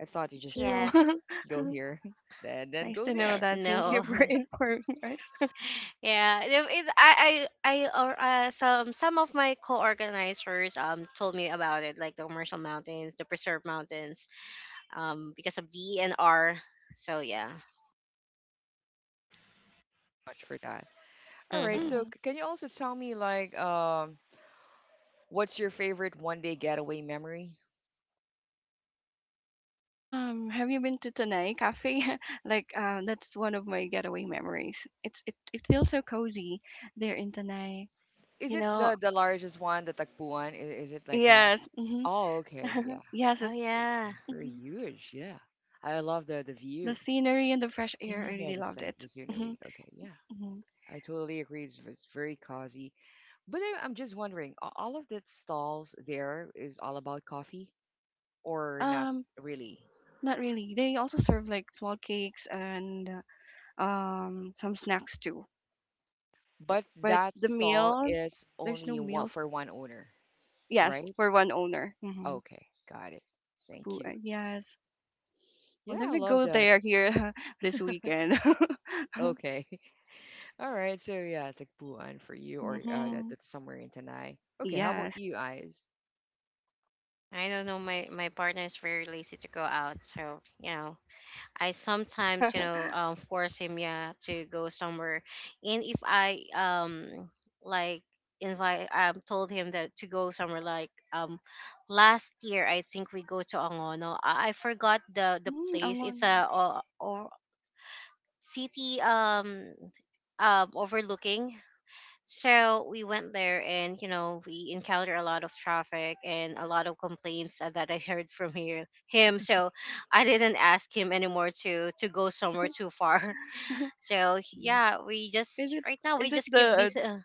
[SPEAKER 1] I thought
[SPEAKER 2] Me
[SPEAKER 1] you just want
[SPEAKER 2] too.
[SPEAKER 1] to
[SPEAKER 3] Yes.
[SPEAKER 1] go here and then
[SPEAKER 2] Nice
[SPEAKER 1] go
[SPEAKER 2] to know
[SPEAKER 1] there.
[SPEAKER 2] that. Thank you
[SPEAKER 3] No.
[SPEAKER 2] for informing us.
[SPEAKER 3] yeah it, it- I I I or uh, some some of my co-organizers um told me about it, like the commercial mountains, the preserve mountains, um because of D N R. So yeah.
[SPEAKER 1] Much for that. All right. So,
[SPEAKER 2] Mhm.
[SPEAKER 3] Mm-hmm.
[SPEAKER 1] c- can you also tell me like um, what's your favorite one day getaway memory?
[SPEAKER 2] Um, have you been to Tanay Cafe? like, um, that's one of my getaway memories. It's it, it feels so cozy there in Tanay.
[SPEAKER 1] Is
[SPEAKER 2] You
[SPEAKER 1] it
[SPEAKER 2] know,
[SPEAKER 1] the the largest one, the Tagpuan? Is, is it like that?
[SPEAKER 2] yes, hmm
[SPEAKER 1] Oh, okay. Yeah.
[SPEAKER 2] yes,
[SPEAKER 3] Oh
[SPEAKER 2] it's
[SPEAKER 3] yeah.
[SPEAKER 1] Very
[SPEAKER 2] mhm.
[SPEAKER 1] huge. Yeah. I love the the
[SPEAKER 2] The
[SPEAKER 1] view.
[SPEAKER 2] scenery and the fresh
[SPEAKER 1] Hmm.
[SPEAKER 2] air. I
[SPEAKER 1] Yeah,
[SPEAKER 2] really
[SPEAKER 1] the
[SPEAKER 2] loved
[SPEAKER 1] scen-
[SPEAKER 2] it.
[SPEAKER 1] the
[SPEAKER 2] Hmm.
[SPEAKER 1] scenery. Okay. Yeah.
[SPEAKER 2] Hmm.
[SPEAKER 1] I totally agree. It's it's very cozy. But I, I'm just wondering, a- all of that stalls there is all about coffee or not
[SPEAKER 2] Um,
[SPEAKER 1] really?
[SPEAKER 2] not really. They also serve like small cakes and uh, um some snacks too.
[SPEAKER 1] But
[SPEAKER 2] But
[SPEAKER 1] that
[SPEAKER 2] the
[SPEAKER 1] stall
[SPEAKER 2] meal,
[SPEAKER 1] is
[SPEAKER 2] there's no
[SPEAKER 1] only one
[SPEAKER 2] meal.
[SPEAKER 1] for one owner,
[SPEAKER 2] Yes,
[SPEAKER 1] right?
[SPEAKER 2] for one owner. Mm-hmm.
[SPEAKER 1] Okay, got it. Thank you.
[SPEAKER 2] Tagpuan. Yes. Oh,
[SPEAKER 1] Yeah,
[SPEAKER 2] let
[SPEAKER 1] I
[SPEAKER 2] me
[SPEAKER 1] love
[SPEAKER 2] go
[SPEAKER 1] that.
[SPEAKER 2] there here this weekend.
[SPEAKER 1] Okay. All right. So yeah, Tagpuan for you, or uh, that,
[SPEAKER 2] hmm.
[SPEAKER 1] that's somewhere in Tanay. Okay. How about
[SPEAKER 2] Yes.
[SPEAKER 1] you, eyes?
[SPEAKER 3] I don't know. My my partner is very lazy to go out, so you know, I sometimes, you know, um force him, yeah, to go somewhere. And if I um like invite um told him that to go somewhere like um last year, I think we go to Angono. I, I forgot the the
[SPEAKER 2] Mm, ang
[SPEAKER 3] place. It's
[SPEAKER 2] Angono.
[SPEAKER 3] a, or, or city um um overlooking. So we went there and you know we encountered a lot of traffic and a lot of complaints uh, that I heard from here him. So I didn't ask him anymore to to go somewhere too far. So
[SPEAKER 1] Hmm.
[SPEAKER 3] yeah, we
[SPEAKER 2] Is
[SPEAKER 3] just
[SPEAKER 2] it
[SPEAKER 3] right now we
[SPEAKER 2] is it
[SPEAKER 3] just keep
[SPEAKER 2] the
[SPEAKER 3] busy, uh,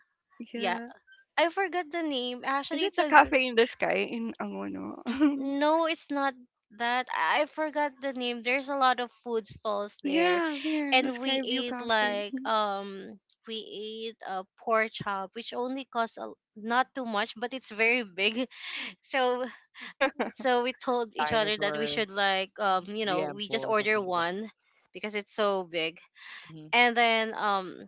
[SPEAKER 3] yeah.
[SPEAKER 2] yeah?
[SPEAKER 3] I forgot the name.
[SPEAKER 2] Is
[SPEAKER 3] Actually
[SPEAKER 2] it
[SPEAKER 3] it's
[SPEAKER 2] the
[SPEAKER 3] a
[SPEAKER 2] cafe in the sky in Angono?
[SPEAKER 3] no, it's not that. I forgot the name. There's a lot of food stalls there.
[SPEAKER 2] yeah, there, the
[SPEAKER 3] And
[SPEAKER 2] Sky
[SPEAKER 3] we
[SPEAKER 2] View
[SPEAKER 3] ate
[SPEAKER 2] Cafe.
[SPEAKER 3] like um we ate a pork chop which only costs a, not too much, but it's very big. So so we told each other that we
[SPEAKER 1] Dinosaur,
[SPEAKER 3] should like, um you know,
[SPEAKER 1] liempo,
[SPEAKER 3] we just
[SPEAKER 1] or
[SPEAKER 3] order
[SPEAKER 1] something like that.
[SPEAKER 3] one, because it's so big.
[SPEAKER 1] Hmm.
[SPEAKER 3] And then um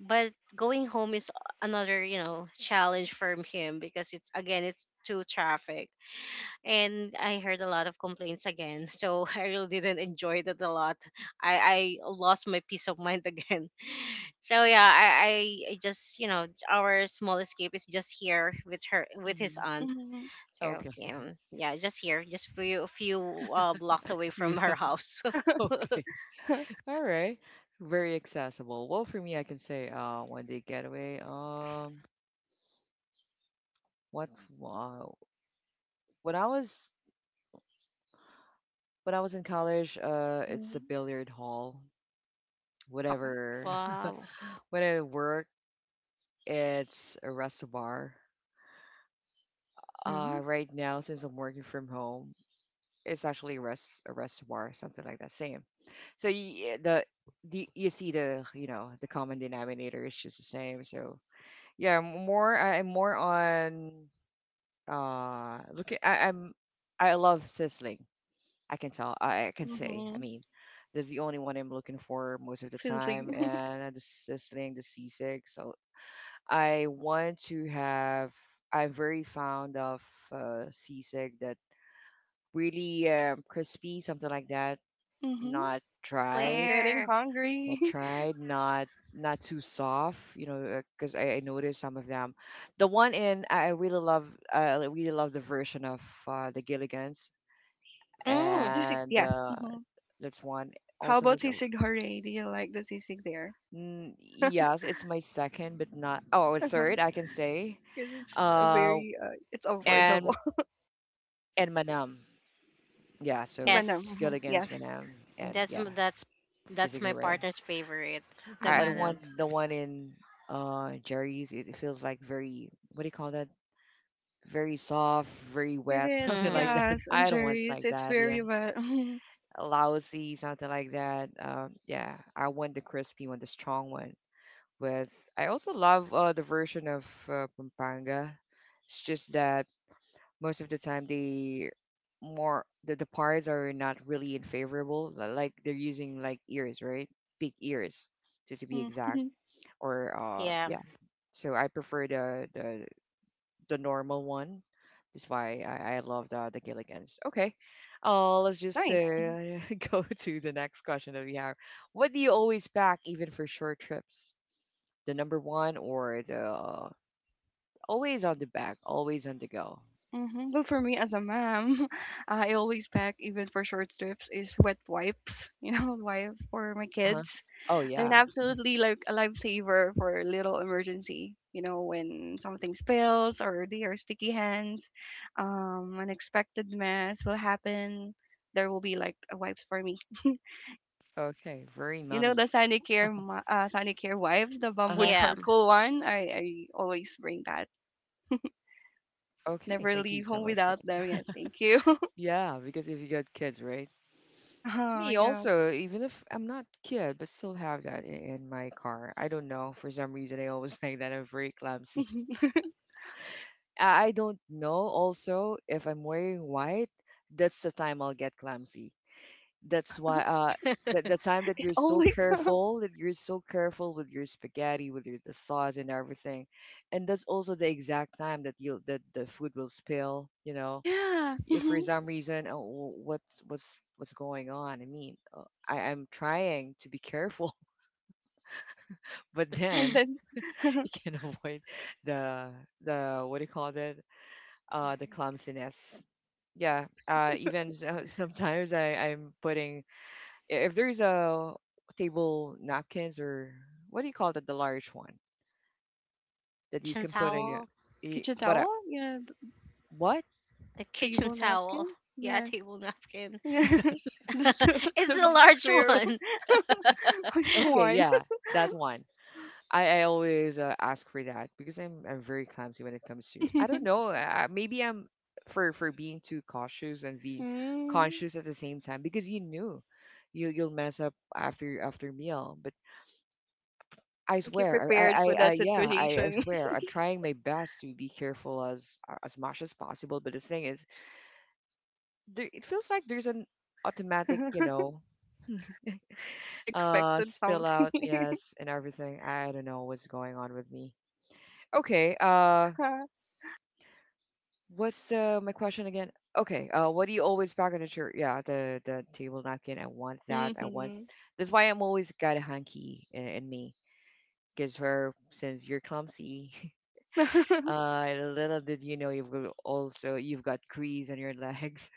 [SPEAKER 3] but going home is another, you know, challenge for him, because it's again it's too traffic, and I heard a lot of complaints again. So I really didn't enjoy that a lot. I, I lost my peace of mind again. So yeah, I, I I just you know our small escape is just here with her with his
[SPEAKER 1] Hmm.
[SPEAKER 3] aunt.
[SPEAKER 2] Mm-hmm.
[SPEAKER 3] So
[SPEAKER 1] Okay.
[SPEAKER 3] yeah, yeah, just here, just few a few uh, blocks away from
[SPEAKER 1] Yeah.
[SPEAKER 3] her house.
[SPEAKER 1] Okay. All right. Very accessible. Well, for me, I can say uh, one day getaway. Um, what uh, when I was when I was in college, uh, it's a
[SPEAKER 2] Mm-hmm.
[SPEAKER 1] billiard hall.
[SPEAKER 2] Wow.
[SPEAKER 1] Whatever.
[SPEAKER 3] Wow.
[SPEAKER 1] When I work, it's a rest bar. Uh,
[SPEAKER 2] Uh-huh.
[SPEAKER 1] right now, since I'm working from home, it's actually a rest a rest bar, something like that. Same. So you, the the you see the you know the common denominator is just the same. So yeah, I'm more I'm more on Uh, look, at- I, I'm I love sizzling. I can tell. I, I can say. I
[SPEAKER 2] Mm-hmm.
[SPEAKER 1] mean, that's the only one I'm looking for most of the time,
[SPEAKER 2] Sizzling.
[SPEAKER 1] and the sizzling, the sisig. So I want to have. I'm very fond of uh, sisig that really um, crispy, something like that.
[SPEAKER 2] Mm-hmm.
[SPEAKER 1] Not
[SPEAKER 2] I'm
[SPEAKER 1] dried,
[SPEAKER 2] getting
[SPEAKER 3] Where?
[SPEAKER 2] hungry.
[SPEAKER 1] not dried, not not too soft. You know, because I, I noticed some of them. The one in I I really love. I really love the version of uh, the Gilligan's
[SPEAKER 2] Oh,
[SPEAKER 3] Mm,
[SPEAKER 2] sisig.
[SPEAKER 1] and
[SPEAKER 2] Yes.
[SPEAKER 1] uh,
[SPEAKER 2] Mm-hmm.
[SPEAKER 1] that's one.
[SPEAKER 2] How
[SPEAKER 1] Also,
[SPEAKER 2] about
[SPEAKER 1] was it?
[SPEAKER 2] sisig hooray? Do you like the sisig there?
[SPEAKER 1] Mm, yes, it's my second, but not oh,
[SPEAKER 2] Uh-huh.
[SPEAKER 1] third, I can say.
[SPEAKER 2] Because it's a
[SPEAKER 1] Uh,
[SPEAKER 2] very uh, it's affordable.
[SPEAKER 1] and and Manam, yeah.
[SPEAKER 2] And
[SPEAKER 1] So
[SPEAKER 2] Manam.
[SPEAKER 1] it's
[SPEAKER 3] yes,
[SPEAKER 1] good
[SPEAKER 2] Mhm, yes.
[SPEAKER 1] against Manam, and
[SPEAKER 3] that's
[SPEAKER 1] yeah,
[SPEAKER 3] m- that's that's my
[SPEAKER 1] Tizigure.
[SPEAKER 3] partner's favorite, the
[SPEAKER 1] I, I don't
[SPEAKER 2] Mm-hmm.
[SPEAKER 3] Manam.
[SPEAKER 1] want the one in uh Jerry's. It, it feels like very what do you call that? Very soft, very
[SPEAKER 2] It
[SPEAKER 1] wet,
[SPEAKER 2] is,
[SPEAKER 1] something like
[SPEAKER 3] Mm,
[SPEAKER 1] that.
[SPEAKER 2] yes, and
[SPEAKER 1] I don't want
[SPEAKER 2] Jerry's.
[SPEAKER 1] like
[SPEAKER 2] It's
[SPEAKER 1] that. Yeah,
[SPEAKER 2] very well.
[SPEAKER 1] lousy, something like that. Um, yeah, I want the crispy one, the strong one. With. I also love uh, the version of uh, Pampanga. It's just that most of the time they more the, the parts are not really in favorable. li- Like they're using like ears, right? Big ears, to to be exact.
[SPEAKER 2] Mm-hmm.
[SPEAKER 1] Or uh,
[SPEAKER 3] yeah,
[SPEAKER 1] yeah. So I prefer the the the normal one. That's why I, I love the the Gilligans. Okay, uh, let's just
[SPEAKER 2] Nice. Mhm.
[SPEAKER 1] uh, go to the next question that we have. What do you always pack, even for short trips? The number one or the always on the back, always on the go.
[SPEAKER 2] Nice. Mm-hmm. Well, for me as a mom, I always pack, even for short trips, is wet wipes. You know, wipes for my
[SPEAKER 1] Huh.
[SPEAKER 2] kids.
[SPEAKER 1] Oh
[SPEAKER 2] They're an
[SPEAKER 1] yeah. Mhm.
[SPEAKER 2] absolutely like a lifesaver for a little emergency. You know, when something spills or there are sticky hands, um, unexpected mess will happen. There will be like a wipes for me.
[SPEAKER 1] Okay. Very
[SPEAKER 2] You know
[SPEAKER 1] mummy.
[SPEAKER 2] the Sonicare, ma- uh, Sonicare wipes, the bamboo
[SPEAKER 1] Uh-huh.
[SPEAKER 3] yeah.
[SPEAKER 2] charcoal one. I, I always bring that.
[SPEAKER 1] Okay.
[SPEAKER 2] Never
[SPEAKER 1] Thank you
[SPEAKER 2] leave
[SPEAKER 1] so
[SPEAKER 2] home
[SPEAKER 1] much for
[SPEAKER 2] without them.
[SPEAKER 1] that.
[SPEAKER 2] Yeah, thank you.
[SPEAKER 1] Yeah, because if you got kids, right?
[SPEAKER 2] uh
[SPEAKER 1] Me
[SPEAKER 2] yeah.
[SPEAKER 1] also, even if I'm not kid, but still have that in, in my car. I don't know. For some reason, I always think that I'm very clumsy.
[SPEAKER 2] it
[SPEAKER 1] I I don't know also if I'm wearing white, that's the time I'll get clumsy. That's why uh the the time that you're so
[SPEAKER 2] always.
[SPEAKER 1] careful, that you're so careful with your spaghetti, with your the sauce and everything. And that's also the exact time that you that the food will spill, you know.
[SPEAKER 2] yeah.
[SPEAKER 1] If for
[SPEAKER 2] Mhm.
[SPEAKER 1] some reason oh, w- what's what's what's going on? I mean, uh, I, I'm trying to be careful, but
[SPEAKER 2] And
[SPEAKER 1] then
[SPEAKER 2] then
[SPEAKER 1] you can avoid the the what do you call it? Uh the clumsiness yeah uh even so- sometimes i i'm putting i- if there's a table napkins or what do you call that the large one that you
[SPEAKER 3] kitchen
[SPEAKER 1] can put in
[SPEAKER 2] um,
[SPEAKER 1] your
[SPEAKER 3] towel,
[SPEAKER 1] y-
[SPEAKER 2] kitchen
[SPEAKER 1] what I-
[SPEAKER 2] towel. Yeah, the
[SPEAKER 1] what
[SPEAKER 3] a kitchen
[SPEAKER 2] table
[SPEAKER 3] towel.
[SPEAKER 2] napkin.
[SPEAKER 3] Yeah,
[SPEAKER 2] Yes.
[SPEAKER 3] table napkin.
[SPEAKER 2] the so- the
[SPEAKER 3] It's a
[SPEAKER 2] big
[SPEAKER 3] large
[SPEAKER 2] square.
[SPEAKER 3] one.
[SPEAKER 2] Which
[SPEAKER 1] okay
[SPEAKER 2] one?
[SPEAKER 1] yeah that one i, I always uh, ask for that because i'm i'm very clumsy when it comes to I don't know uh, maybe I'm for for being too cautious and being
[SPEAKER 2] mm.
[SPEAKER 1] conscious at the same time because you knew you you'll mess up after after meal but
[SPEAKER 2] I
[SPEAKER 1] I
[SPEAKER 2] think you
[SPEAKER 1] swear, I, I,
[SPEAKER 2] prepared for
[SPEAKER 1] I I-
[SPEAKER 2] that
[SPEAKER 1] yeah, I, I
[SPEAKER 2] situation.
[SPEAKER 1] swear, I'm trying my best to be careful as as much as possible. But the thing is, there it feels like there's an automatic, you know, uh
[SPEAKER 2] Unexpected
[SPEAKER 1] spill
[SPEAKER 2] something.
[SPEAKER 1] out, yes, and everything. I don't know what's going on with me. Okay, uh what's uh my question again? Okay, uh what do you always pack on the chair? Yeah, the the table napkin. I want that. I want
[SPEAKER 2] Mhm.
[SPEAKER 1] That's why I'm always got a hanky in, in me. Because where since you're clumsy, uh little did you know you've got also you've got grease on your legs.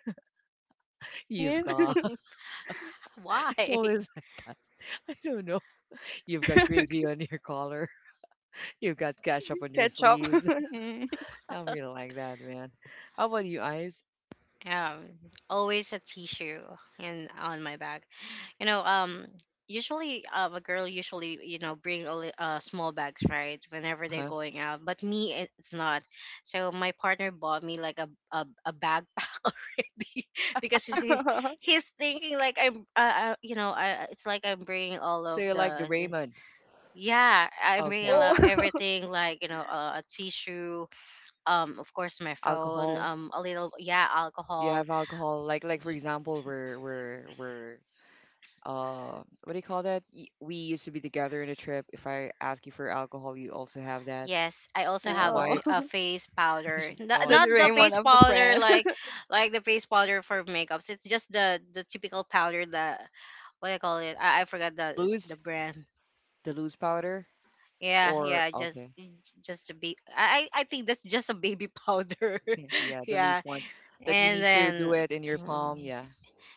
[SPEAKER 1] You've
[SPEAKER 2] Yeah.
[SPEAKER 1] got
[SPEAKER 3] Why?
[SPEAKER 1] it's always like that. I don't know. You've got gravy on your collar. You've got cash up on your
[SPEAKER 2] Ketchup.
[SPEAKER 1] sleeves.
[SPEAKER 2] Mm.
[SPEAKER 1] I really like that, man. How about you, Eyes?
[SPEAKER 3] Um, always a tissue in on my bag. You know, um, usually um, a girl usually, you know, bring a li- uh, small bags, right, whenever they're
[SPEAKER 1] Huh?
[SPEAKER 3] going out. But me, it- it's not. So my partner bought me like a a, a backpack because he
[SPEAKER 2] Yeah.
[SPEAKER 3] he's thinking like I'm uh, uh, you know I, it's like I'm bringing all
[SPEAKER 1] So
[SPEAKER 3] of
[SPEAKER 1] you like the
[SPEAKER 3] the
[SPEAKER 1] Raymond?
[SPEAKER 3] Yeah, I bring
[SPEAKER 1] Okay.
[SPEAKER 2] Whoa.
[SPEAKER 3] along everything, like you know, uh, a tissue, um, of course my phone,
[SPEAKER 1] Alcohol?
[SPEAKER 3] um, a little, yeah,
[SPEAKER 1] You
[SPEAKER 3] alcohol.
[SPEAKER 1] have alcohol? Like, like for
[SPEAKER 3] Y-
[SPEAKER 1] example, we're we're we're uh, what do you call that? Y- We used to be together in a trip. If I ask you for alcohol, you also have that.
[SPEAKER 3] yes, I also have a,
[SPEAKER 2] Oh,
[SPEAKER 3] p- a
[SPEAKER 1] Wipes?
[SPEAKER 3] face powder, not,
[SPEAKER 1] Oh,
[SPEAKER 2] the
[SPEAKER 1] I-
[SPEAKER 3] not the face
[SPEAKER 2] Doraemon of the
[SPEAKER 3] powder
[SPEAKER 2] friend.
[SPEAKER 3] like like the face powder for makeups. It's just the the typical powder that what I call it. I, I forgot the the
[SPEAKER 1] Loose?
[SPEAKER 3] brand.
[SPEAKER 1] The loose powder?
[SPEAKER 3] Yeah,
[SPEAKER 1] Or
[SPEAKER 3] yeah, just
[SPEAKER 1] okay,
[SPEAKER 3] just a baby. I I I think that's just a baby powder.
[SPEAKER 1] yeah, the loose
[SPEAKER 3] Yeah,
[SPEAKER 1] one that you
[SPEAKER 3] and
[SPEAKER 1] need to do
[SPEAKER 3] then.
[SPEAKER 1] it in your palm. Yeah.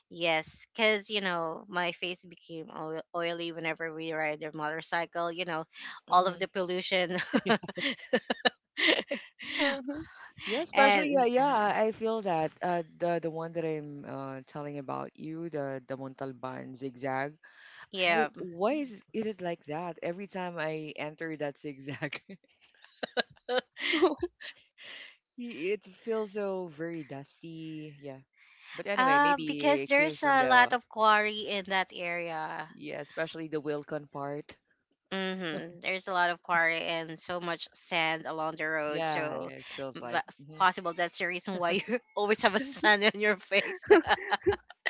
[SPEAKER 3] Yes, because, you know, my face became oil- oily whenever we ride the motorcycle, you know, all of
[SPEAKER 1] Mm-hmm.
[SPEAKER 3] the pollution.
[SPEAKER 1] Yes. Yeah, especially yeah,
[SPEAKER 3] and uh,
[SPEAKER 1] yeah, I I feel that uh, the the one that I'm uh, telling about you, the the Montalban zigzag. I
[SPEAKER 3] yeah,
[SPEAKER 1] why is is it like that? Every time I enter that zigzag, i-
[SPEAKER 2] Oh,
[SPEAKER 1] it feels so very dusty. Yeah, but anyway,
[SPEAKER 3] uh,
[SPEAKER 1] maybe
[SPEAKER 3] because
[SPEAKER 1] it came
[SPEAKER 3] there's
[SPEAKER 1] from
[SPEAKER 3] a
[SPEAKER 1] the
[SPEAKER 3] lot of quarry in that area.
[SPEAKER 1] yeah, especially the Wilcon part.
[SPEAKER 3] Mm-hmm. There's a lot of quarry and so much sand along the road.
[SPEAKER 1] Yeah,
[SPEAKER 3] So,
[SPEAKER 1] it feels
[SPEAKER 3] mm,
[SPEAKER 1] like.
[SPEAKER 3] but
[SPEAKER 1] Hmm.
[SPEAKER 3] possible that's the reason why you always have a sand on your face.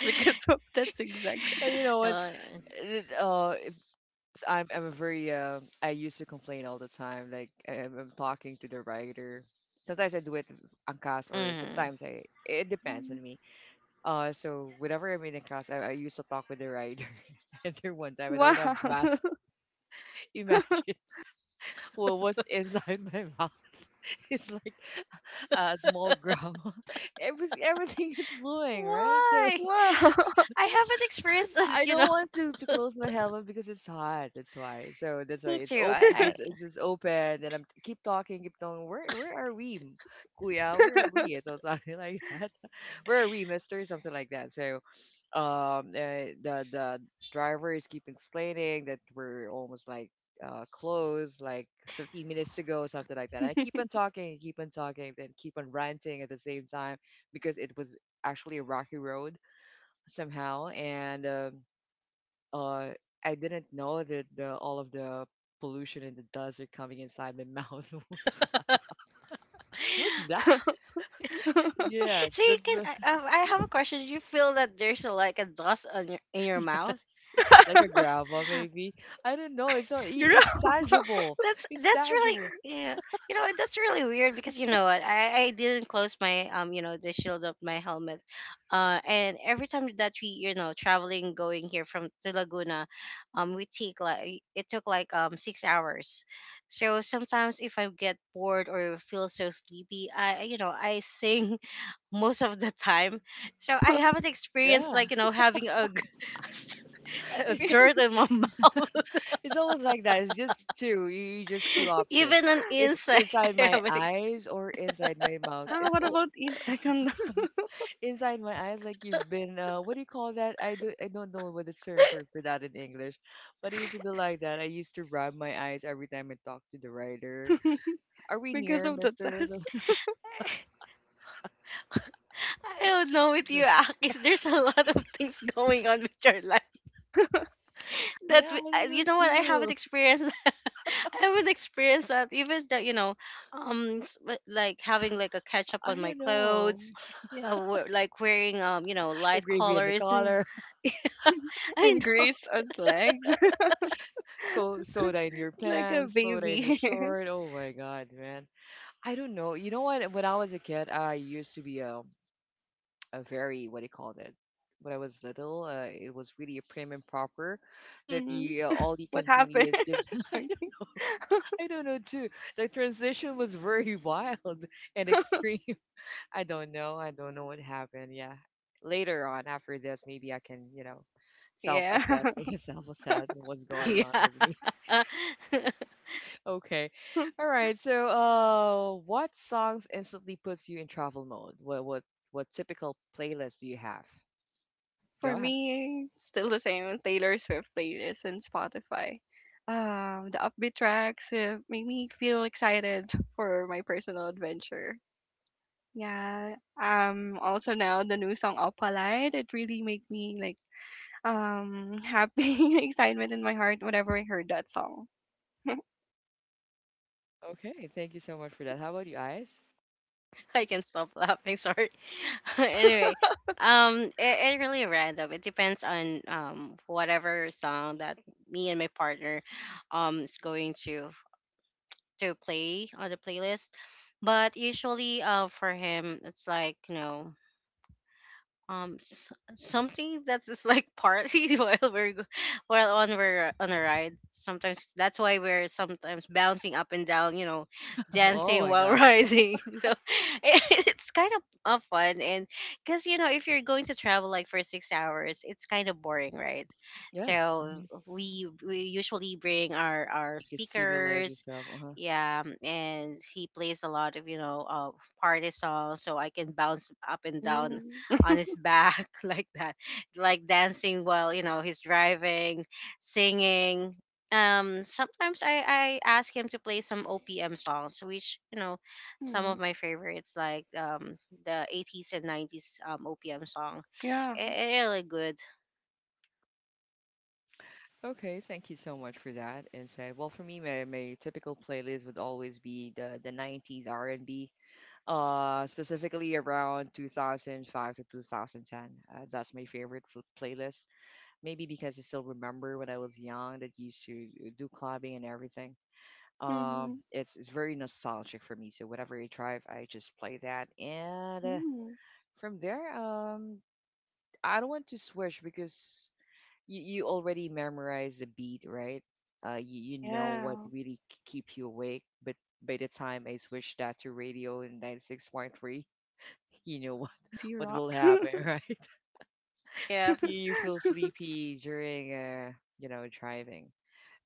[SPEAKER 2] because of that's exact.
[SPEAKER 1] And you know what?
[SPEAKER 3] uh,
[SPEAKER 1] It, uh, I'm I'm a very um I used to complain all the time. Like I'm, I'm talking to the writer. Sometimes I do it on cast, or
[SPEAKER 3] mm-hmm.
[SPEAKER 1] sometimes I it depends
[SPEAKER 2] Mhm.
[SPEAKER 1] on me. Uh, so whenever I'm in a cast, I, I used to talk with the writer. And there one time I don't have
[SPEAKER 2] Wow.
[SPEAKER 1] mask. Imagine what was inside my mouth. It's like a small grandma. Every everything is flowing, right? So
[SPEAKER 3] Why?
[SPEAKER 2] Wow.
[SPEAKER 3] I haven't experienced
[SPEAKER 1] I
[SPEAKER 3] this, you
[SPEAKER 1] don't
[SPEAKER 3] know.
[SPEAKER 1] want to to close my helmet because it's hot. That's why. So that's why
[SPEAKER 3] Me
[SPEAKER 1] it's
[SPEAKER 3] too.
[SPEAKER 1] open. It
[SPEAKER 3] I,
[SPEAKER 1] just it's just open, and I'm keep talking, keep talking. Where where are we, m- Kuya? Where are we? So something like that. Where are we, Mister? Something like that. So um, uh, the the driver is keep explaining that we're almost like uh close like fifteen minutes ago something like that I keep on talking keep on talking then keep on ranting at the same time because it was actually a rocky road somehow and um uh, I didn't know that the, all of the pollution and the dust are coming inside my mouth.
[SPEAKER 3] I
[SPEAKER 1] What's that? Yes,
[SPEAKER 3] so you
[SPEAKER 1] that's
[SPEAKER 3] can.
[SPEAKER 1] the
[SPEAKER 3] I, I I have a question. Do you feel that there's a, like a dust on your in your mouth?
[SPEAKER 1] yes, like a gravel maybe. I don't know. It's not. i- It's
[SPEAKER 2] Girl.
[SPEAKER 1] tangible.
[SPEAKER 3] That's
[SPEAKER 1] It's
[SPEAKER 3] that's really
[SPEAKER 1] tangible.
[SPEAKER 3] yeah. You know that's really weird, because you know what, I I didn't close my, um you know, the shield of my helmet, uh and every time that we, you know, traveling going here from to Laguna, um we take like it took like um six hours. So sometimes if I get bored or feel so sleepy, I I, you know I sing most of the time. So I haven't experienced
[SPEAKER 1] Yeah,
[SPEAKER 3] like you know having a, g- a
[SPEAKER 2] We-
[SPEAKER 3] dirt in my mouth.
[SPEAKER 1] it's always like that. It's just two. You you just two option.
[SPEAKER 3] Even an
[SPEAKER 1] It's
[SPEAKER 3] insect,
[SPEAKER 1] inside
[SPEAKER 3] I
[SPEAKER 1] my
[SPEAKER 3] haven't experienced.
[SPEAKER 1] eyes or inside my mouth.
[SPEAKER 2] yeah,
[SPEAKER 1] It's
[SPEAKER 2] what
[SPEAKER 1] all
[SPEAKER 2] about each second
[SPEAKER 1] inside my eyes like you've been uh what do you call that i do I don't know what the term for, for that in English but it used to be like that I used to rub my eyes every time I talk to the writer are we
[SPEAKER 2] because
[SPEAKER 1] near
[SPEAKER 2] of the
[SPEAKER 1] mister
[SPEAKER 2] dust
[SPEAKER 1] Something
[SPEAKER 3] I don't know with you,
[SPEAKER 1] like-
[SPEAKER 3] Akis. There's a lot of things going on with your life that
[SPEAKER 1] yeah
[SPEAKER 3] we,
[SPEAKER 1] I
[SPEAKER 3] I-
[SPEAKER 1] don't
[SPEAKER 3] you
[SPEAKER 1] know
[SPEAKER 3] know what I haven't
[SPEAKER 1] too
[SPEAKER 3] experienced. I haven't experienced that. Even that you know, um, s- w- like having like a catch up
[SPEAKER 1] I
[SPEAKER 3] on my
[SPEAKER 1] don't know
[SPEAKER 3] clothes. You know, we like wearing, um, you know,
[SPEAKER 1] the
[SPEAKER 3] light
[SPEAKER 1] gravy in the
[SPEAKER 3] colors.
[SPEAKER 1] collar
[SPEAKER 3] I
[SPEAKER 2] and
[SPEAKER 3] know.
[SPEAKER 2] Grace on legs?
[SPEAKER 1] co- soda in your
[SPEAKER 2] Like a
[SPEAKER 1] pants soda in your
[SPEAKER 2] baby.
[SPEAKER 1] short oh my god man I don't know you know what when I was a kid I used to be um a very what do you call it? When I was little, uh, it was really a prim and proper. That
[SPEAKER 2] Mhm.
[SPEAKER 1] you uh, all you
[SPEAKER 2] What
[SPEAKER 1] can see
[SPEAKER 2] happened?
[SPEAKER 1] is just I don't know too. The transition was very wild and
[SPEAKER 2] Okay.
[SPEAKER 1] extreme. I don't know. I don't know what happened. Yeah. Later on, after this, maybe I can you know
[SPEAKER 2] Yeah.
[SPEAKER 1] self-assess, make a self-assess of what's going on
[SPEAKER 3] Yeah.
[SPEAKER 1] with me. Okay. All right. So, uh, what songs instantly puts you in travel mode? What what what typical playlist do you have?
[SPEAKER 2] For
[SPEAKER 1] Go ahead.
[SPEAKER 2] me, still the same Taylor Swift playlist and Spotify. Um, the upbeat tracks uh, make me feel excited for my personal adventure. Yeah. Um. Also now the new song Opalite, it really make me like um happy excitement in my heart whenever I heard that song.
[SPEAKER 1] Okay, thank you so much for that. How about you, eyes?
[SPEAKER 3] I can stop laughing. Sorry. Anyway, um, it, it really random. It depends on um whatever song that me and my partner um is going to to play on the playlist. But usually, uh, for him, it's like you know um s- something that is like party while we're go- while on we're uh, on a ride. Sometimes that's why we're sometimes bouncing up and down, you know,
[SPEAKER 1] Oh
[SPEAKER 3] dancing
[SPEAKER 1] my
[SPEAKER 3] while
[SPEAKER 1] God.
[SPEAKER 3] riding, so it's kind of uh, fun. And because you know if you're going to travel like for six hours, it's kind of boring, right?
[SPEAKER 1] Yeah.
[SPEAKER 3] So
[SPEAKER 1] Hmm.
[SPEAKER 3] we we usually bring our our
[SPEAKER 1] You can stimulate
[SPEAKER 3] speakers,
[SPEAKER 1] yourself. Uh-huh.
[SPEAKER 3] yeah, and he plays a lot of you know uh, party songs so I can bounce up and down
[SPEAKER 2] Mm.
[SPEAKER 3] on his back like that, like dancing while, you know, he's driving, singing. Um sometimes i i ask him to play some opm songs, which, you know, some
[SPEAKER 2] Mm.
[SPEAKER 3] of my favorites like um the eighties and nineties um opm song.
[SPEAKER 2] Yeah.
[SPEAKER 3] It, really good,
[SPEAKER 1] Okay, thank you so much for that insight. Well, for me, my, my typical playlist would always be the the nineties R and B, uh, specifically around two thousand five to two thousand ten. Uh, that's my favorite fl- playlist. Maybe because I still remember when I was young that used to uh, do clubbing and everything. Um,
[SPEAKER 2] Mm-hmm.
[SPEAKER 1] it's it's very nostalgic for me. So whenever I drive, I just play that and. Uh,
[SPEAKER 2] Mm.
[SPEAKER 1] From there, um, I don't want to switch because you, you already memorize the beat, right? Uh, you, you know what
[SPEAKER 2] Yeah.
[SPEAKER 1] really k- keep you awake. But by the time I switch that to radio in ninety-six point three, you know what,
[SPEAKER 2] Easy
[SPEAKER 1] what will
[SPEAKER 2] rock.
[SPEAKER 1] happen, right?
[SPEAKER 3] yeah.
[SPEAKER 1] You, you feel sleepy during, uh, you know, driving.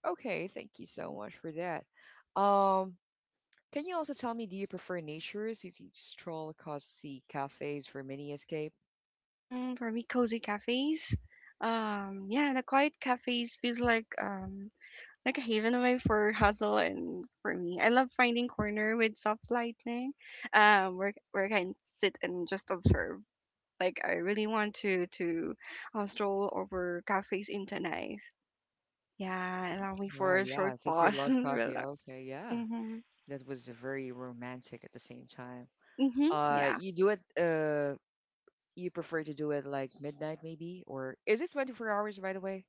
[SPEAKER 1] Okay, thank you so much for that. Um, can you also tell me, do you prefer nature, city stroll, cause sea cafes for mini escape?
[SPEAKER 2] Mm, for me, cozy cafes. Um, yeah, the quiet cafes feels like um like a haven away for hustle and for me. I love finding corner with soft lighting, um, where where I can sit and just observe. Like I really want to to um, stroll over cafes in Tanais. Yeah, allow me for
[SPEAKER 1] Right,
[SPEAKER 2] a
[SPEAKER 1] yeah.
[SPEAKER 2] short
[SPEAKER 1] Since you
[SPEAKER 2] pause
[SPEAKER 1] love
[SPEAKER 2] and
[SPEAKER 1] coffee,
[SPEAKER 2] relax.
[SPEAKER 1] okay, yeah.
[SPEAKER 2] Mm-hmm.
[SPEAKER 1] That was very romantic at the same time.
[SPEAKER 2] Mm-hmm.
[SPEAKER 1] Uh,
[SPEAKER 2] Yeah.
[SPEAKER 1] you do it, uh, you prefer to do it like midnight maybe, or is it twenty-four hours by the way?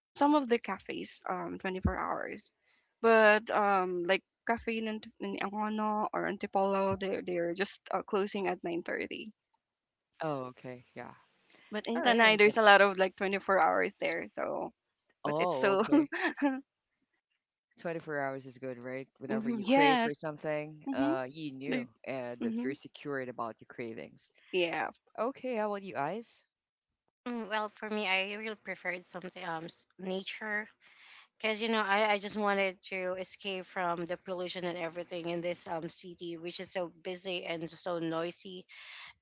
[SPEAKER 2] Um, some of the cafes, um, twenty-four hours, but um, like cafe in Ant- in Angono or Antipolo, they they're just uh, closing at nine thirty.
[SPEAKER 1] Oh, okay, yeah.
[SPEAKER 2] But
[SPEAKER 1] All
[SPEAKER 2] in
[SPEAKER 1] right. I
[SPEAKER 2] Tanay, there's
[SPEAKER 1] don't-
[SPEAKER 2] a lot of like twenty-four hours there. So, but it's
[SPEAKER 1] Oh,
[SPEAKER 2] so
[SPEAKER 1] okay. twenty-four hours is good, right? Whenever
[SPEAKER 2] Mhm,
[SPEAKER 1] you crave for
[SPEAKER 2] yes,
[SPEAKER 1] something,
[SPEAKER 2] mm-hmm.
[SPEAKER 1] uh, you knew
[SPEAKER 2] They,
[SPEAKER 1] uh, that you're
[SPEAKER 2] mm-hmm.
[SPEAKER 1] secured about your cravings.
[SPEAKER 2] Yeah,
[SPEAKER 1] Okay, how about you, Ice?
[SPEAKER 3] Mm, well, for me, I really preferred something um s- nature because, you know, I, I just wanted to escape from the pollution and everything in this um city, which is so busy and so noisy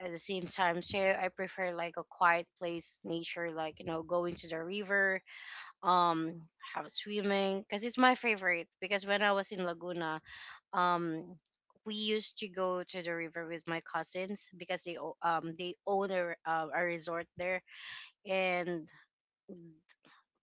[SPEAKER 3] at the same time. So I prefer like a quiet place, nature, like, you know, going to the river. um have swimming, because it's my favorite, because when I was in Laguna, um we used to go to the river with my cousins because they o- um they own a, re- uh, a resort there. And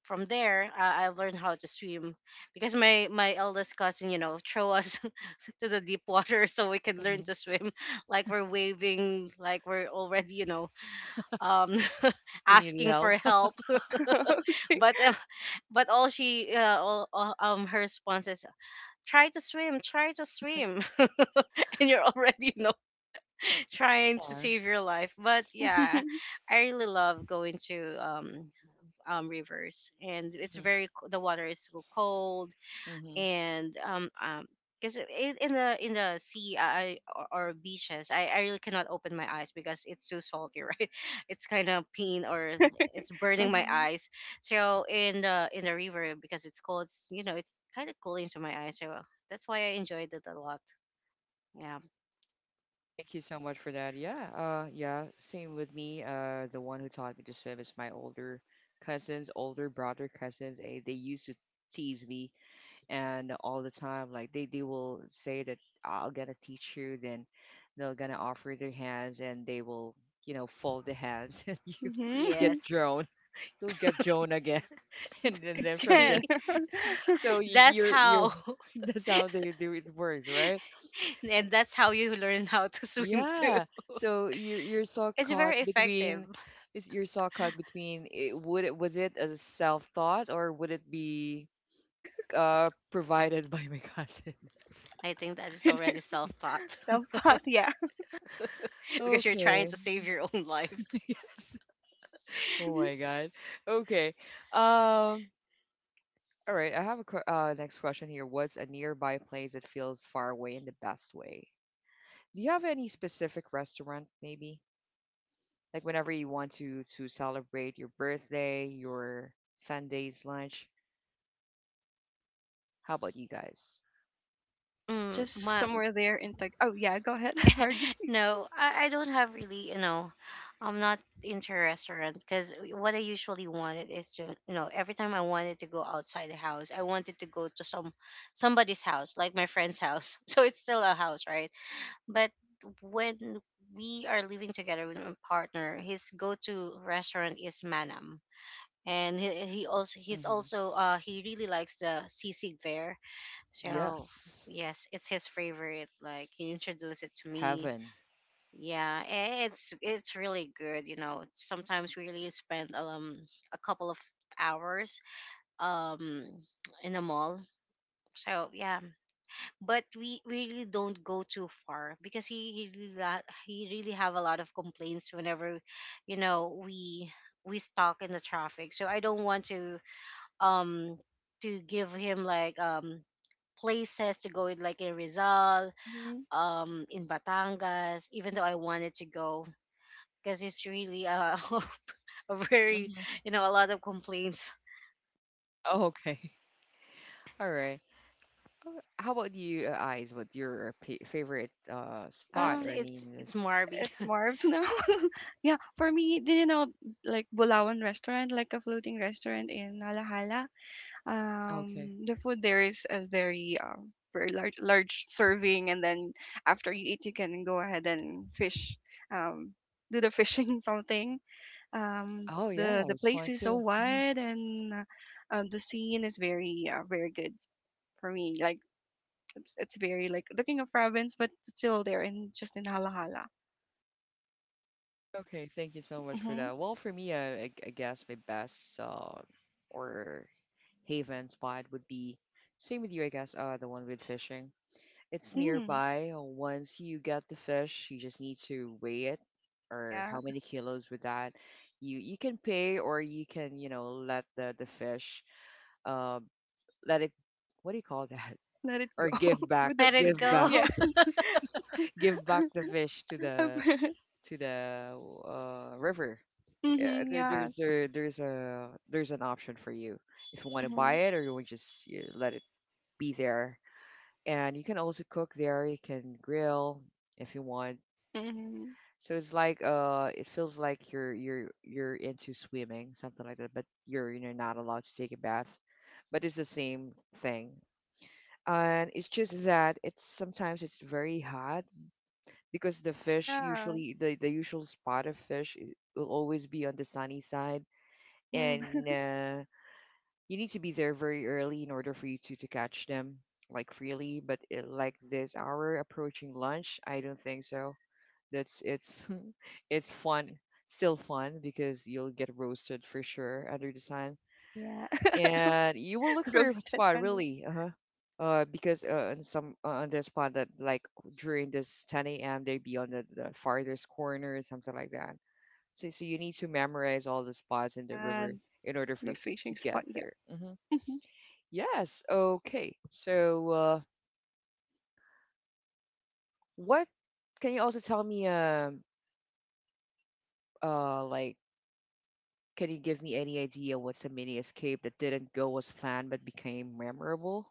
[SPEAKER 3] from there, I, I learned how to swim because my my eldest cousin, you know, throw us to the deep water so we can learn
[SPEAKER 1] Hmm.
[SPEAKER 3] to swim, like we're waving, like we're already, you know, um
[SPEAKER 1] You need
[SPEAKER 3] asking for
[SPEAKER 1] help?
[SPEAKER 3] help.
[SPEAKER 2] okay,
[SPEAKER 3] but uh, but all she uh, all, all- um her response is, try to swim, try to swim. And you're already, you know, trying to
[SPEAKER 1] Yeah.
[SPEAKER 3] save your life, but yeah, I really love going to um um rivers, and it's very co- the water is so cold.
[SPEAKER 1] Hmm.
[SPEAKER 3] And um um because in, in the in the sea, I, or, or beaches, I, I really cannot open my eyes because it's too salty. Right? It's kind of pain, or it's burning my
[SPEAKER 2] mm-hmm.
[SPEAKER 3] eyes. So in the in the river, because it's cold, it's, you know, it's kind of cooling to my eyes, so that's why I enjoyed it a lot, yeah.
[SPEAKER 1] Thank you so much for that. Yeah, uh, yeah, same with me. Uh, the one who taught me to swim is my older cousins, older brother cousins. eh, They used to tease me and all the time, like they they will say that I'm gonna teach you. Then they're gonna offer their hands, and they will, you know, fold the hands, and you get
[SPEAKER 2] Mm-hmm.
[SPEAKER 3] Yes.
[SPEAKER 1] drawn. You'll get drawn again, and, then then from
[SPEAKER 3] See,
[SPEAKER 1] there.
[SPEAKER 2] again,
[SPEAKER 1] So y-
[SPEAKER 3] that's
[SPEAKER 1] you're you're
[SPEAKER 3] how
[SPEAKER 1] that's how they do it works, right?
[SPEAKER 3] and that's how you learn how to swim too.
[SPEAKER 1] Yeah. So you're you're so
[SPEAKER 3] It's
[SPEAKER 1] caught
[SPEAKER 3] very effective.
[SPEAKER 1] between is you're so caught between it, would it was it a self thought or would it be uh provided by my cousin?
[SPEAKER 3] I think that is already self-taught,
[SPEAKER 2] yeah,
[SPEAKER 3] because you're trying to
[SPEAKER 1] Okay.
[SPEAKER 3] save your own life.
[SPEAKER 1] Yes. Oh my God. Okay. Um all right, I have a que- uh, next question here. What's a nearby place that feels far away in the best way? Do you have any specific restaurant maybe? Like whenever you want to to celebrate your birthday, your Sunday's lunch, how about you guys?
[SPEAKER 3] Mm,
[SPEAKER 2] just
[SPEAKER 3] my,
[SPEAKER 2] somewhere there in Tag. Oh yeah, go ahead. Sorry.
[SPEAKER 3] no, I, I don't have really, you know, I'm not into a restaurant, because what I usually wanted is to, you know, every time I wanted to go outside the house, I wanted to go to some somebody's house, like my friend's house. So it's still a house, right? But when we are living together with my partner, his go-to restaurant is Manam. And he, he also he's
[SPEAKER 1] Hmm.
[SPEAKER 3] also uh he really likes the sisig there, so
[SPEAKER 1] Yes,
[SPEAKER 3] yes, it's his favorite. Like, he introduced it to me.
[SPEAKER 1] heaven.
[SPEAKER 3] Yeah, eh, it's it's really good. You know, sometimes we really spend um a couple of hours um in a mall. So yeah, but we really don't go too far because he he really la- he really have a lot of complaints whenever, you know, we we stuck in the traffic. So I don't want to um to give him like um places to go in, like in Rizal,
[SPEAKER 2] Mm-hmm.
[SPEAKER 3] um in Batangas, even though I wanted to go because it's really uh, a very,
[SPEAKER 1] Hmm.
[SPEAKER 3] you know, a lot of complaints.
[SPEAKER 1] Oh, okay. All right. Oh, how about you, uh, Eyes? What your p- favorite uh
[SPEAKER 3] Uh,
[SPEAKER 1] spot?
[SPEAKER 3] It's
[SPEAKER 1] Or
[SPEAKER 2] Um.
[SPEAKER 1] I
[SPEAKER 3] it's
[SPEAKER 1] mean,
[SPEAKER 3] it's
[SPEAKER 1] this.
[SPEAKER 3] Marby.
[SPEAKER 2] It's Marv's now. yeah, for me, do you know like Bulawan restaurant, like a floating restaurant in Alahala?
[SPEAKER 1] Okay.
[SPEAKER 2] Um, the food there is a very um very large large serving, and then after you eat, you can go ahead and fish, um, do the fishing something. Um,
[SPEAKER 1] Oh
[SPEAKER 2] the
[SPEAKER 1] yeah,
[SPEAKER 2] the
[SPEAKER 1] it's fun
[SPEAKER 2] place is so
[SPEAKER 1] too. Mhm.
[SPEAKER 2] wide, and uh, uh, the scene is very uh, very good for me. Like it's it's very like the king of province, but still there in just in Alahala.
[SPEAKER 1] Okay, thank you so much for
[SPEAKER 2] Mm-hmm.
[SPEAKER 1] that. Well, for me, I I, I guess my best uh, or haven spot would be same with you. I guess uh, the one with fishing. It's
[SPEAKER 2] Hmm.
[SPEAKER 1] nearby. Uh, Once you get the fish, you just need to weigh it or how
[SPEAKER 2] Yeah,
[SPEAKER 1] many kilos with that. You you can pay or you can, you know, let the the fish uh let it what do you call that?
[SPEAKER 2] let it go
[SPEAKER 1] Or give back,
[SPEAKER 2] with the
[SPEAKER 3] Let
[SPEAKER 2] fe
[SPEAKER 3] it
[SPEAKER 1] give back,
[SPEAKER 3] go.
[SPEAKER 2] Yeah.
[SPEAKER 1] give back the fish to the to the uh river. Yeah,
[SPEAKER 2] Mhm,
[SPEAKER 1] there
[SPEAKER 2] yeah.
[SPEAKER 1] there's a there's a there's an option for you if you want to
[SPEAKER 2] Mhm,
[SPEAKER 1] buy it or you want to just you let it be there. And you can also cook there, you can grill if you want.
[SPEAKER 2] mhm.
[SPEAKER 1] So it's like uh it feels like you're you're you're into swimming, something like that, but you're you know not allowed to take a bath. But it's the same thing. And it's just that it's sometimes it's very hot because the fish
[SPEAKER 2] Yeah.
[SPEAKER 1] usually the, the usual spot of fish i- will always be on the sunny side,
[SPEAKER 2] Mhm.
[SPEAKER 1] and uh, you need to be there very early in order for you to, to catch them like freely but it, like this hour approaching lunch I don't think so that's it's it's fun, still fun because you'll get roasted for sure under the sun,
[SPEAKER 2] Yeah.
[SPEAKER 1] and you will look for your
[SPEAKER 2] Roasted
[SPEAKER 1] spot
[SPEAKER 2] under.
[SPEAKER 1] really. Uh huh. Uh, because uh, on some uh, on the spot that like during this ten a m they be on the, the farthest corner or something like that. So so you need to memorize all the spots in the
[SPEAKER 2] Yeah,
[SPEAKER 1] river in order for
[SPEAKER 2] the
[SPEAKER 1] you to, to
[SPEAKER 2] fishing
[SPEAKER 1] get
[SPEAKER 2] spot. Yeah.
[SPEAKER 1] there. Hmm. Yes. Okay. So uh, what can you also tell me? Um. Uh, like Can you give me any idea what's a mini escape that didn't go as planned but became memorable?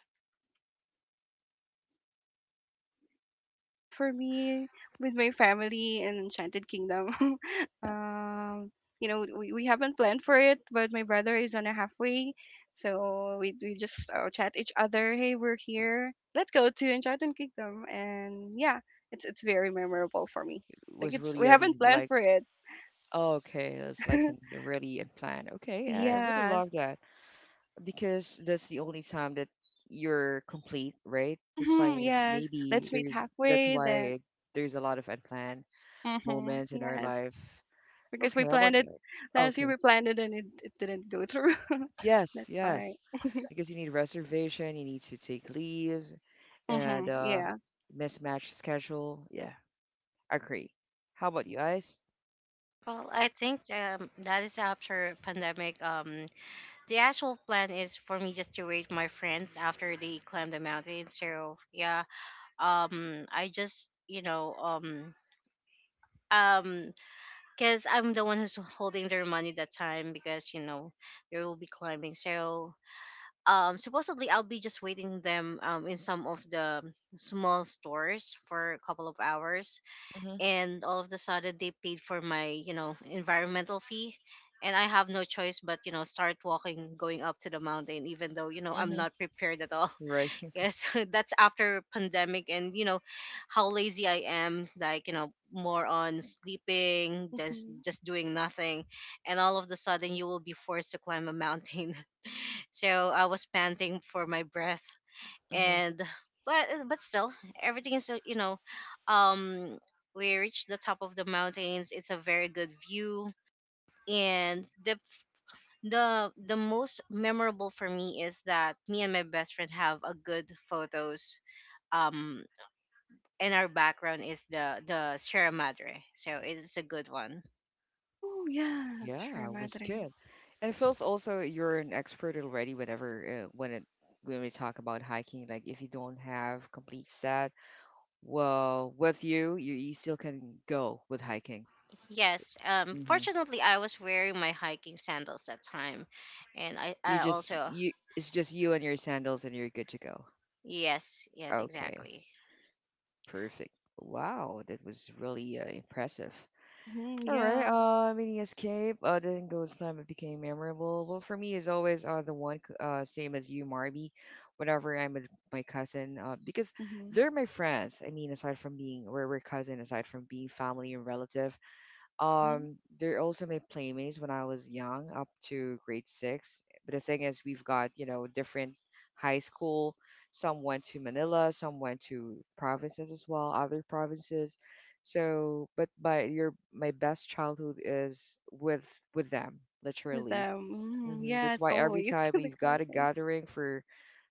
[SPEAKER 2] Well, for me, with my family in Enchanted Kingdom, um, you know, we, we haven't planned for it, but my brother is on a halfway, so we we just uh, chat each other. Hey, we're here. Let's go to Enchanted Kingdom, and yeah, it's it's very memorable for me.
[SPEAKER 1] It
[SPEAKER 2] Like
[SPEAKER 1] was
[SPEAKER 2] it's
[SPEAKER 1] really
[SPEAKER 2] we haven't
[SPEAKER 1] un
[SPEAKER 2] planned
[SPEAKER 1] like,
[SPEAKER 2] for it.
[SPEAKER 1] oh, okay, it's like an, really unplanned. Okay, I I really
[SPEAKER 2] Yes.
[SPEAKER 1] love that because that's the only time that you're complete, right? That's
[SPEAKER 2] Mm-hmm,
[SPEAKER 1] why
[SPEAKER 2] yes.
[SPEAKER 1] maybe
[SPEAKER 2] Let's meet
[SPEAKER 1] there's that's
[SPEAKER 2] halfway then.
[SPEAKER 1] why there's a lot of unplanned
[SPEAKER 2] Mm-hmm,
[SPEAKER 1] moments in our
[SPEAKER 2] yes.
[SPEAKER 1] life.
[SPEAKER 2] Because we
[SPEAKER 1] Okay, how about
[SPEAKER 2] planned it
[SPEAKER 1] you?
[SPEAKER 2] last year,
[SPEAKER 1] Okay,
[SPEAKER 2] we planned it and it, it didn't go through.
[SPEAKER 1] yes,
[SPEAKER 2] That's why.
[SPEAKER 1] yes. Because you need reservation, you need to take leaves and
[SPEAKER 2] Mhm,
[SPEAKER 1] uh
[SPEAKER 2] yeah.
[SPEAKER 1] mismatch schedule. Yeah, agree. How about you guys?
[SPEAKER 3] Well, I think um, that is after pandemic. Um, the actual plan is for me just to wait my friends after they climb the mountain. So yeah, um, I just you know um um because I'm the one who's holding their money that time because, you know, they will be climbing. So um, supposedly I'll be just waiting them um in some of the small stores for a couple of hours,
[SPEAKER 1] Mm-hmm.
[SPEAKER 3] and all of the sudden they paid for my, you know, environmental fee. And I have no choice but, you know, start walking, going up to the mountain, even though, you know, I'm
[SPEAKER 1] Mm-hmm.
[SPEAKER 3] not prepared at all.
[SPEAKER 1] Right.
[SPEAKER 3] Guess that's after pandemic, and you know how lazy I am, like, you know, more on sleeping, just
[SPEAKER 2] Mhm.
[SPEAKER 3] just doing nothing. And all of the sudden you will be forced to climb a mountain. So I was panting for my breath,
[SPEAKER 1] Mm-hmm.
[SPEAKER 3] and but but still everything is uh, you know um we reached the top of the mountains. It's a very good view. And the the the most memorable for me is that me and my best friend have a good photos um and our background is the the Sierra Madre. So it's a good one.
[SPEAKER 2] Ooh, yes,
[SPEAKER 1] Yeah,
[SPEAKER 2] Sierra
[SPEAKER 1] it was
[SPEAKER 2] Madre.
[SPEAKER 1] good. And it feels also you're an expert already whenever uh, when it when we talk about hiking, like if you don't have complete set, well, with you, you, you still can go with hiking.
[SPEAKER 3] Yes. Um
[SPEAKER 1] Hmm.
[SPEAKER 3] fortunately, I was wearing my hiking sandals that time. And I,
[SPEAKER 1] You
[SPEAKER 3] I
[SPEAKER 1] just
[SPEAKER 3] also
[SPEAKER 1] you it's just you and your sandals and you're good to go.
[SPEAKER 3] yes, yes,
[SPEAKER 1] Okay.
[SPEAKER 3] exactly.
[SPEAKER 1] Perfect. Wow, that was really uh, impressive.
[SPEAKER 2] Mhm,
[SPEAKER 1] All right,
[SPEAKER 2] yeah.
[SPEAKER 1] uh, mini escape. Uh, then goes plan but became memorable. Well, for me, is always uh the one c- uh same as you, Marby. Whenever I'm with my cousin, uh, because
[SPEAKER 2] Mhm.
[SPEAKER 1] they're my friends. I mean, aside from being we're, we're cousin, aside from being family and relative,
[SPEAKER 2] Mhm.
[SPEAKER 1] um, they're also my playmates when I was young, up to grade six. But the thing is, we've got, you know, different high school. Some went to Manila, some went to provinces as well, other provinces. So, but my your my best childhood is with with them,
[SPEAKER 2] With
[SPEAKER 1] literally.
[SPEAKER 2] them. Mhm.
[SPEAKER 1] Hmm. That's
[SPEAKER 2] Yes,
[SPEAKER 1] why every
[SPEAKER 2] always
[SPEAKER 1] time
[SPEAKER 2] with the
[SPEAKER 1] we've got a
[SPEAKER 2] cousins.
[SPEAKER 1] gathering for,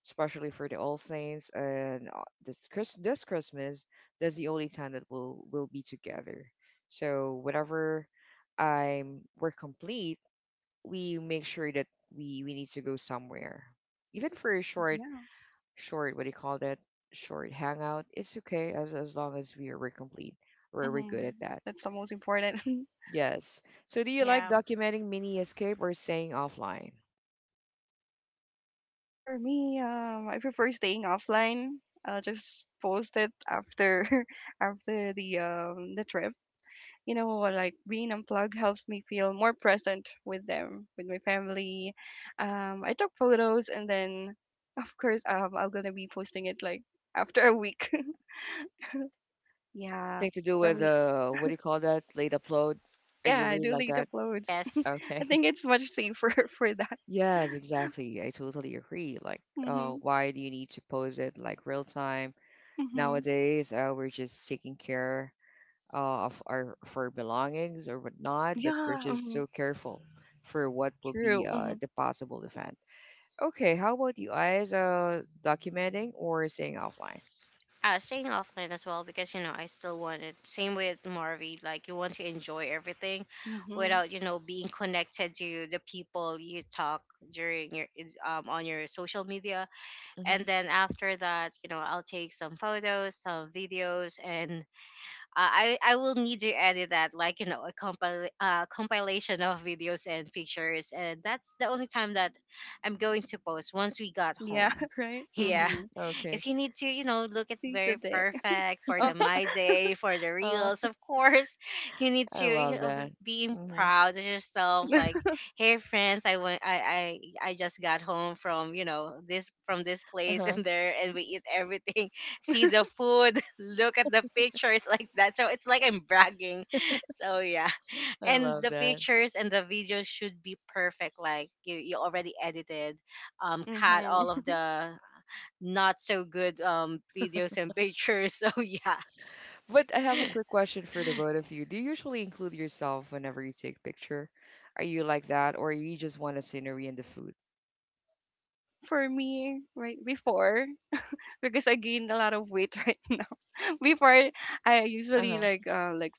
[SPEAKER 1] especially for the All Saints and uh, this Chris this Christmas, that's the only time that we'll we'll be together. So whenever I'm we're complete, we make sure that we we need to go somewhere, even for a short
[SPEAKER 2] Yeah.
[SPEAKER 1] short what do you call that short hangout. It's okay as as long as we are we're complete or we're
[SPEAKER 2] Mhm.
[SPEAKER 1] good at that.
[SPEAKER 2] That's the most important.
[SPEAKER 1] Yes. So do you like
[SPEAKER 3] Yeah.
[SPEAKER 1] documenting mini escape or staying offline?
[SPEAKER 2] For me, um, I prefer staying offline. I'll just post it after after the um the trip. You know, like being unplugged helps me feel more present with them, with my family. Um, I took photos and then, of course, um, I'm gonna be posting it like after a week. yeah,
[SPEAKER 1] Thing to do
[SPEAKER 2] for
[SPEAKER 1] with
[SPEAKER 2] me,
[SPEAKER 1] uh, what do you call that? Late upload? Are
[SPEAKER 2] yeah,
[SPEAKER 1] you
[SPEAKER 2] I
[SPEAKER 1] really
[SPEAKER 2] do
[SPEAKER 1] like
[SPEAKER 2] late
[SPEAKER 1] that?
[SPEAKER 2] uploads.
[SPEAKER 3] Yes.
[SPEAKER 2] I
[SPEAKER 1] Okay.
[SPEAKER 2] think it's much safer for that.
[SPEAKER 1] Yes, exactly. I totally agree. Like, uh,
[SPEAKER 2] Mhm,
[SPEAKER 1] why do you need to post it like real time?
[SPEAKER 2] mhm,
[SPEAKER 1] Nowadays, uh, we're just taking care uh, of our of our belongings or whatnot, but we're
[SPEAKER 2] yeah,
[SPEAKER 1] just
[SPEAKER 2] mhm,
[SPEAKER 1] so careful for what will be
[SPEAKER 2] true.
[SPEAKER 1] uh,
[SPEAKER 2] Mhm,
[SPEAKER 1] the possible event. Okay, how about you guys uh, documenting or staying offline?
[SPEAKER 3] I was staying offline as well, because, you know, I still wanted same with Marvy, like you want to enjoy everything
[SPEAKER 2] mhm,
[SPEAKER 3] without, you know, being connected to the people you talk during your is- um on your social media.
[SPEAKER 1] Mm-hmm,
[SPEAKER 3] And then after that, you know, I'll take some photos, some videos, and i i I will need to edit that, like, you know, a compil- uh, compilation of videos and pictures, and that's the only time that I'm going to post once we got
[SPEAKER 2] yeah,
[SPEAKER 3] home.
[SPEAKER 2] right.
[SPEAKER 3] Yeah,
[SPEAKER 1] mm-hmm.
[SPEAKER 2] Mhm,
[SPEAKER 1] Okay.
[SPEAKER 3] because you need to, you know, look at
[SPEAKER 2] seize the
[SPEAKER 3] very
[SPEAKER 2] day.
[SPEAKER 3] perfect for
[SPEAKER 2] Oh,
[SPEAKER 3] the my day, for the
[SPEAKER 1] Uh,
[SPEAKER 3] reels. Of course, you need to,
[SPEAKER 1] I
[SPEAKER 3] you
[SPEAKER 1] love
[SPEAKER 3] know,
[SPEAKER 1] that.
[SPEAKER 3] being
[SPEAKER 1] Mm-hmm.
[SPEAKER 3] proud of yourself. Like, hey friends, I went, I, I, I just got home from, you know, this from this place and there, and we eat everything. See the food, look at the pictures, like that. So it's like I'm bragging. So yeah,
[SPEAKER 1] I
[SPEAKER 3] and
[SPEAKER 1] love
[SPEAKER 3] the
[SPEAKER 1] that.
[SPEAKER 3] pictures and the videos should be perfect. Like, you, you already edited, um, cut all of
[SPEAKER 2] mhm.
[SPEAKER 3] the not so good um videos and pictures. So yeah.
[SPEAKER 1] But I have a quick question for the both of you. Do you usually include yourself whenever you take picture? Are you like that, or you just want the scenery and the food?
[SPEAKER 2] For me, right before, because I gained a lot of weight right now. Before I
[SPEAKER 1] Uh
[SPEAKER 2] usually
[SPEAKER 1] huh.
[SPEAKER 2] like uh like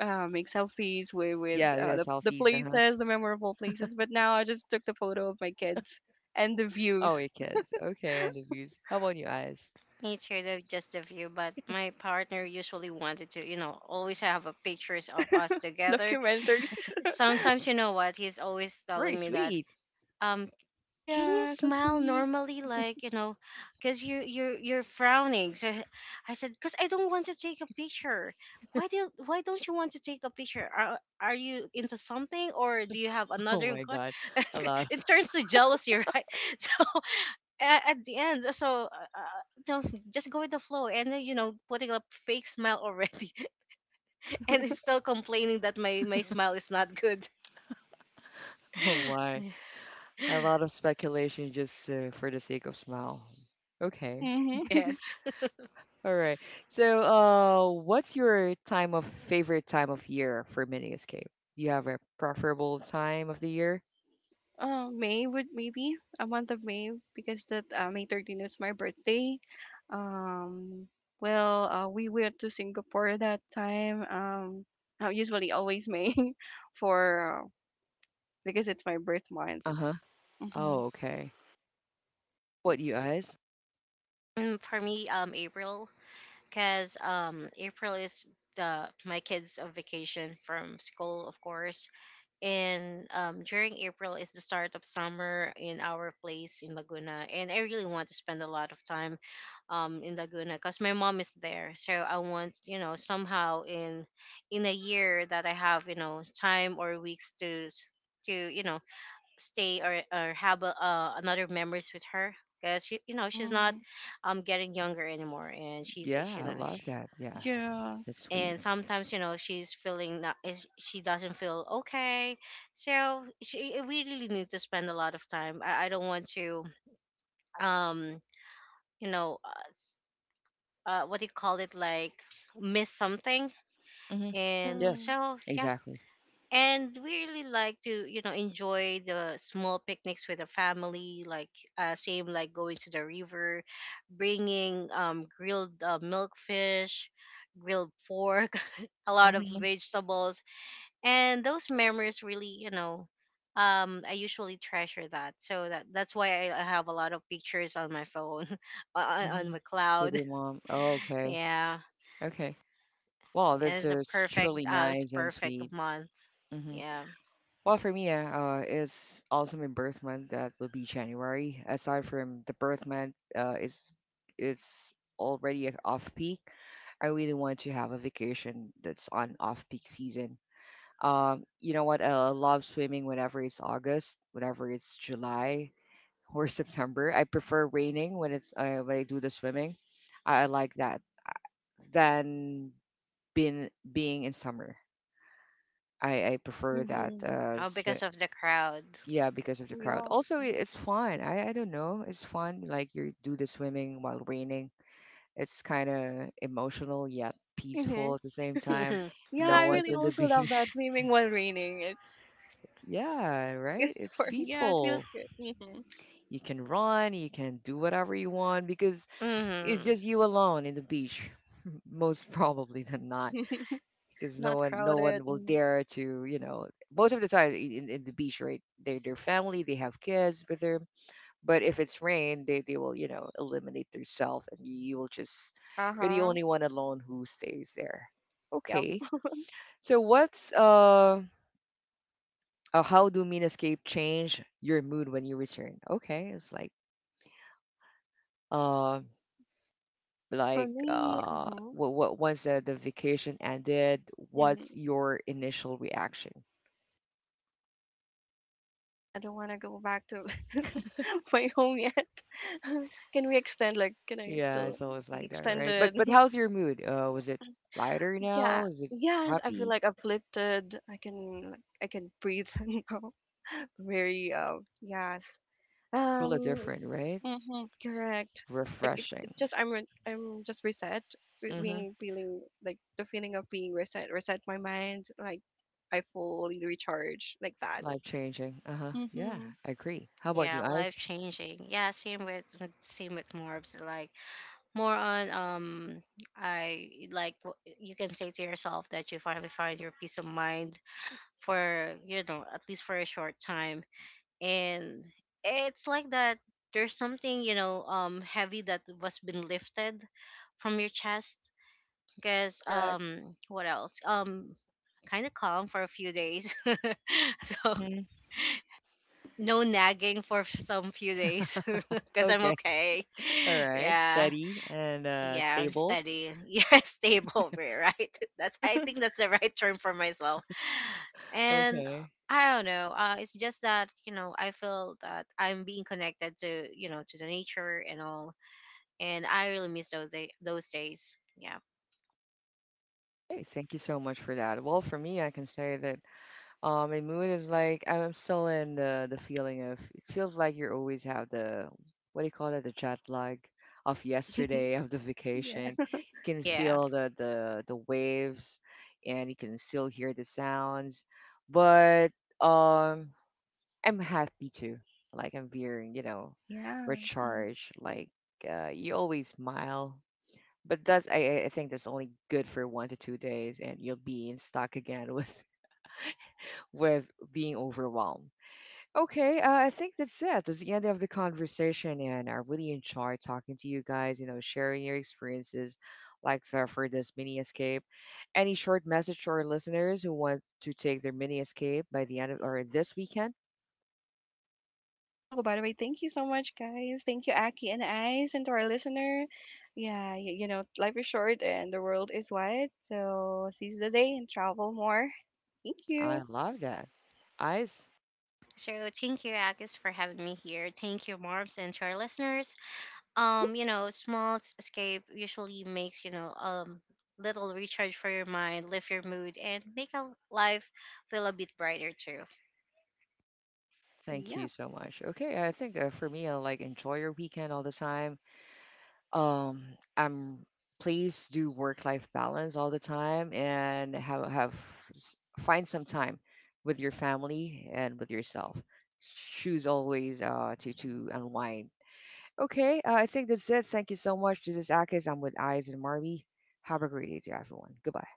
[SPEAKER 2] uh make selfies with with
[SPEAKER 1] Yeah, yeah,
[SPEAKER 2] uh, the the
[SPEAKER 1] selfies. Uh huh.
[SPEAKER 2] places, the memorable places. But now I just took the photo of my kids and the views
[SPEAKER 1] Oh, it is. Okay, and the views. How about your eyes?
[SPEAKER 3] Made sure that just a few, but my partner usually wanted to, you know, always have a pictures of us together.
[SPEAKER 2] documentary.
[SPEAKER 3] Sometimes, you know what, he's always
[SPEAKER 1] Very
[SPEAKER 3] telling me that,
[SPEAKER 1] sweet.
[SPEAKER 3] um, can you
[SPEAKER 2] Yeah, so
[SPEAKER 3] smile
[SPEAKER 2] sweet.
[SPEAKER 3] normally, like, you know, because you you're you're frowning. So I said, because I don't want to take a picture. Why do you, why don't you want to take a picture? Are are you into something, or do you have
[SPEAKER 1] Oh
[SPEAKER 3] another
[SPEAKER 1] my God,
[SPEAKER 3] go-"
[SPEAKER 1] a lot.
[SPEAKER 3] it turns to jealousy, right? So at, at the end uh, so uh, uh, no, just go with the flow, and then, you know, putting a fake smile already, and is still complaining that my my smile is not good.
[SPEAKER 1] Oh my, a lot of speculation just uh, for the sake of smile. Okay.
[SPEAKER 2] Mm-hmm.
[SPEAKER 3] Yes.
[SPEAKER 1] All right. So, uh, what's your time of favorite time of year for mini escape? Do you have a preferable time of the year?
[SPEAKER 2] Uh, May would maybe a month of May because that uh, May thirteenth is my birthday. Um, well, uh, we went to Singapore that time. Um, uh, usually always May for uh, because it's my birth month.
[SPEAKER 1] Uh-huh.
[SPEAKER 2] Mm-hmm.
[SPEAKER 1] Oh, okay. What, you guys?
[SPEAKER 3] Mm, for me, um April, because um April is the my kids on vacation from school, of course. And um, during April is the start of summer in our place in Laguna, and I really want to spend a lot of time um, in Laguna because my mom is there. So I want, you know, somehow in in a year that I have, you know, time or weeks to s- to, you know, stay or or have a, uh, another memories with her, because, you know, she's not
[SPEAKER 2] Mm-hmm.
[SPEAKER 3] um getting younger anymore, and she's, you
[SPEAKER 1] Yeah, I
[SPEAKER 3] know,
[SPEAKER 1] love that. Yeah,
[SPEAKER 2] Yeah.
[SPEAKER 1] that's sweet.
[SPEAKER 3] and sometimes, you know, she's feeling not is she doesn't feel okay. So she eh, we really need to spend a lot of time. i, I don't want to um you know uh, s- uh what do you call it, like, miss something.
[SPEAKER 1] Hmm.
[SPEAKER 3] And
[SPEAKER 1] Yeah,
[SPEAKER 2] Mhm.
[SPEAKER 3] so yeah,
[SPEAKER 1] exactly.
[SPEAKER 3] and we really like to, you know, enjoy the small picnics with the family, like, uh, same like going to the river, bringing um grilled uh, milkfish, grilled pork, a lot of
[SPEAKER 1] Hmm.
[SPEAKER 3] vegetables. And those memories really, you know, um I usually treasure that. So that that's why i I have a lot of pictures on my phone on, on
[SPEAKER 1] Hmm.
[SPEAKER 3] my
[SPEAKER 1] With
[SPEAKER 3] cloud.
[SPEAKER 1] your mom. Oh, okay.
[SPEAKER 3] Yeah.
[SPEAKER 1] Okay. Well,
[SPEAKER 3] And
[SPEAKER 1] that's
[SPEAKER 3] it's a
[SPEAKER 1] uh,
[SPEAKER 3] perfect
[SPEAKER 1] truly
[SPEAKER 3] uh it's
[SPEAKER 1] nice and
[SPEAKER 3] perfect
[SPEAKER 1] sweet.
[SPEAKER 3] month.
[SPEAKER 1] Hmm.
[SPEAKER 3] Yeah.
[SPEAKER 1] Well, for me, uh, uh, it's also my birth month. That will be January. Aside from the birth month, uh, it's it's already off peak. I really want to have a vacation that's on off peak season. Um, you know what? I love swimming whenever it's August, whenever it's July or September. I prefer raining when it's uh, when I do the swimming. I, I like that than being being in summer. I, I prefer that.
[SPEAKER 2] Mhm.
[SPEAKER 1] Uh,
[SPEAKER 3] Oh,
[SPEAKER 1] swi-
[SPEAKER 3] because of the crowd.
[SPEAKER 1] yeah, because of the crowd.
[SPEAKER 2] Yeah.
[SPEAKER 1] Also, i- it's fun. I, I don't know. It's fun. Like you do the swimming while raining. It's kind of emotional yet peaceful
[SPEAKER 2] Mhm.
[SPEAKER 1] at the same time.
[SPEAKER 2] Yeah,
[SPEAKER 1] No
[SPEAKER 2] I
[SPEAKER 1] one's
[SPEAKER 2] really
[SPEAKER 1] in the
[SPEAKER 2] also love
[SPEAKER 1] beach.
[SPEAKER 2] that swimming while raining. It's
[SPEAKER 1] Yeah, right?
[SPEAKER 2] just
[SPEAKER 1] It's
[SPEAKER 2] for yeah, it feels
[SPEAKER 1] peaceful.
[SPEAKER 2] good. Mhm.
[SPEAKER 1] You can run, you can do whatever you want because it's
[SPEAKER 3] Hmm.
[SPEAKER 1] just you alone in the beach, most probably than not, because no
[SPEAKER 2] Not
[SPEAKER 1] one no one
[SPEAKER 2] crowded.
[SPEAKER 1] will
[SPEAKER 2] Mm.
[SPEAKER 1] dare to, you know, most of the time i- in, in the beach, right? They their family, they have kids with them. But if it's rain, they, they will, you know, eliminate themselves, and you, you will just
[SPEAKER 2] Uh
[SPEAKER 1] you're the
[SPEAKER 2] huh.
[SPEAKER 1] only one alone who stays there.
[SPEAKER 2] Yeah.
[SPEAKER 1] Okay. So what's uh uh, how do mean change your mood when you return? Okay, it's like uh
[SPEAKER 2] For
[SPEAKER 1] like
[SPEAKER 2] me,
[SPEAKER 1] uh
[SPEAKER 2] mhm.
[SPEAKER 1] what what once the, the vacation ended,
[SPEAKER 2] Mhm.
[SPEAKER 1] what's your initial reaction?
[SPEAKER 2] I don't want to go back to my home yet. Can we extend? Like, can I
[SPEAKER 1] Yeah,
[SPEAKER 2] still
[SPEAKER 1] it's always
[SPEAKER 2] be
[SPEAKER 1] like that, right? but
[SPEAKER 2] extended?
[SPEAKER 1] but how's your mood? uh was it lighter
[SPEAKER 2] yeah.
[SPEAKER 1] now? Is it
[SPEAKER 2] Yeah, I feel
[SPEAKER 1] happy?
[SPEAKER 2] like I've lifted. I can, like, I can breathe now. Very, um, yeah,
[SPEAKER 1] Really
[SPEAKER 2] Um,
[SPEAKER 1] different, right?
[SPEAKER 2] Mm-hmm. Correct. Like it, it
[SPEAKER 1] Refreshing.
[SPEAKER 2] just I'm re- I'm just reset, re-
[SPEAKER 1] Mm-hmm.
[SPEAKER 2] being feeling like the feeling of being reset, reset my mind. Like I fully recharge like that.
[SPEAKER 1] Life changing. Uh-huh. Yeah,
[SPEAKER 2] Mm-hmm.
[SPEAKER 1] I agree. How
[SPEAKER 3] Yeah,
[SPEAKER 1] about you,
[SPEAKER 3] life
[SPEAKER 1] eyes?
[SPEAKER 3] changing, yeah. Same with with- same with Morbs. Like, more on um i like w- you can say to yourself that you finally find your peace of mind for, you know, at least for a short time. And it's like that there's something, you know, um heavy that was been lifted from your chest. Because
[SPEAKER 2] Correct.
[SPEAKER 3] um what else um kind of calm for a few days. So
[SPEAKER 1] Hmm.
[SPEAKER 3] no nagging for some few days, because I'm
[SPEAKER 1] Okay,
[SPEAKER 3] okay.
[SPEAKER 1] all right.
[SPEAKER 3] Yeah.
[SPEAKER 1] Steady and uh
[SPEAKER 3] Yeah, I'm
[SPEAKER 1] stable.
[SPEAKER 3] steady. Yeah, stable, right? That's I think that's the right term for myself. And
[SPEAKER 1] Okay.
[SPEAKER 3] I don't know. Uh, it's just that, you know, I feel that I'm being connected to, you know, to the nature and all, and I really miss those day- those days. Yeah.
[SPEAKER 1] Hey, thank you so much for that. Well, for me, I can say that Uh, my mood is like I'm I'm still in the the feeling of it feels like you always have the what do you call it the jet lag of yesterday of the vacation.
[SPEAKER 2] Yeah.
[SPEAKER 1] You can
[SPEAKER 3] Yeah.
[SPEAKER 1] feel the the the waves, and you can still hear the sounds, but um I'm happy too. Like I'm being you know
[SPEAKER 2] Yeah. Mm.
[SPEAKER 1] recharged. Like uh, you always smile. But that's I, I I think that's only good for one to two days, and you'll be in stock again with with being overwhelmed. Okay, uh, I think that's it. That's the end of the conversation, and I really enjoyed talking to you guys. You know, sharing your experiences, like the, for this mini escape. Any short message to our listeners who want to take their mini escape by the end of or this weekend?
[SPEAKER 2] Oh, by the way, thank you so much, guys. Thank you, Aki and Ice, and to our listener. Yeah, you, you know, life is short and the world is wide. So seize the day and travel more. Thank
[SPEAKER 1] I
[SPEAKER 2] you.
[SPEAKER 1] love that. Eyes,
[SPEAKER 3] So thank you, Agus, for having me here. Thank you, Marms, and to our listeners.
[SPEAKER 2] Mm-hmm.
[SPEAKER 3] Um you know, small s- escape usually makes, you know, um little recharge for your mind, lift your mood, and make a life feel a bit brighter too.
[SPEAKER 1] thank
[SPEAKER 2] Yeah.
[SPEAKER 1] you so much. Okay, I think uh, for me, I like enjoy your weekend all the time. um I'm please do work life balance all the time and have have s- find some time with your family and with yourself. Choose always uh to to unwind. Okay, uh, I think that's it. Thank you so much. This is Akis. I'm with Eyes and Marvy. Have a great day to everyone. Goodbye.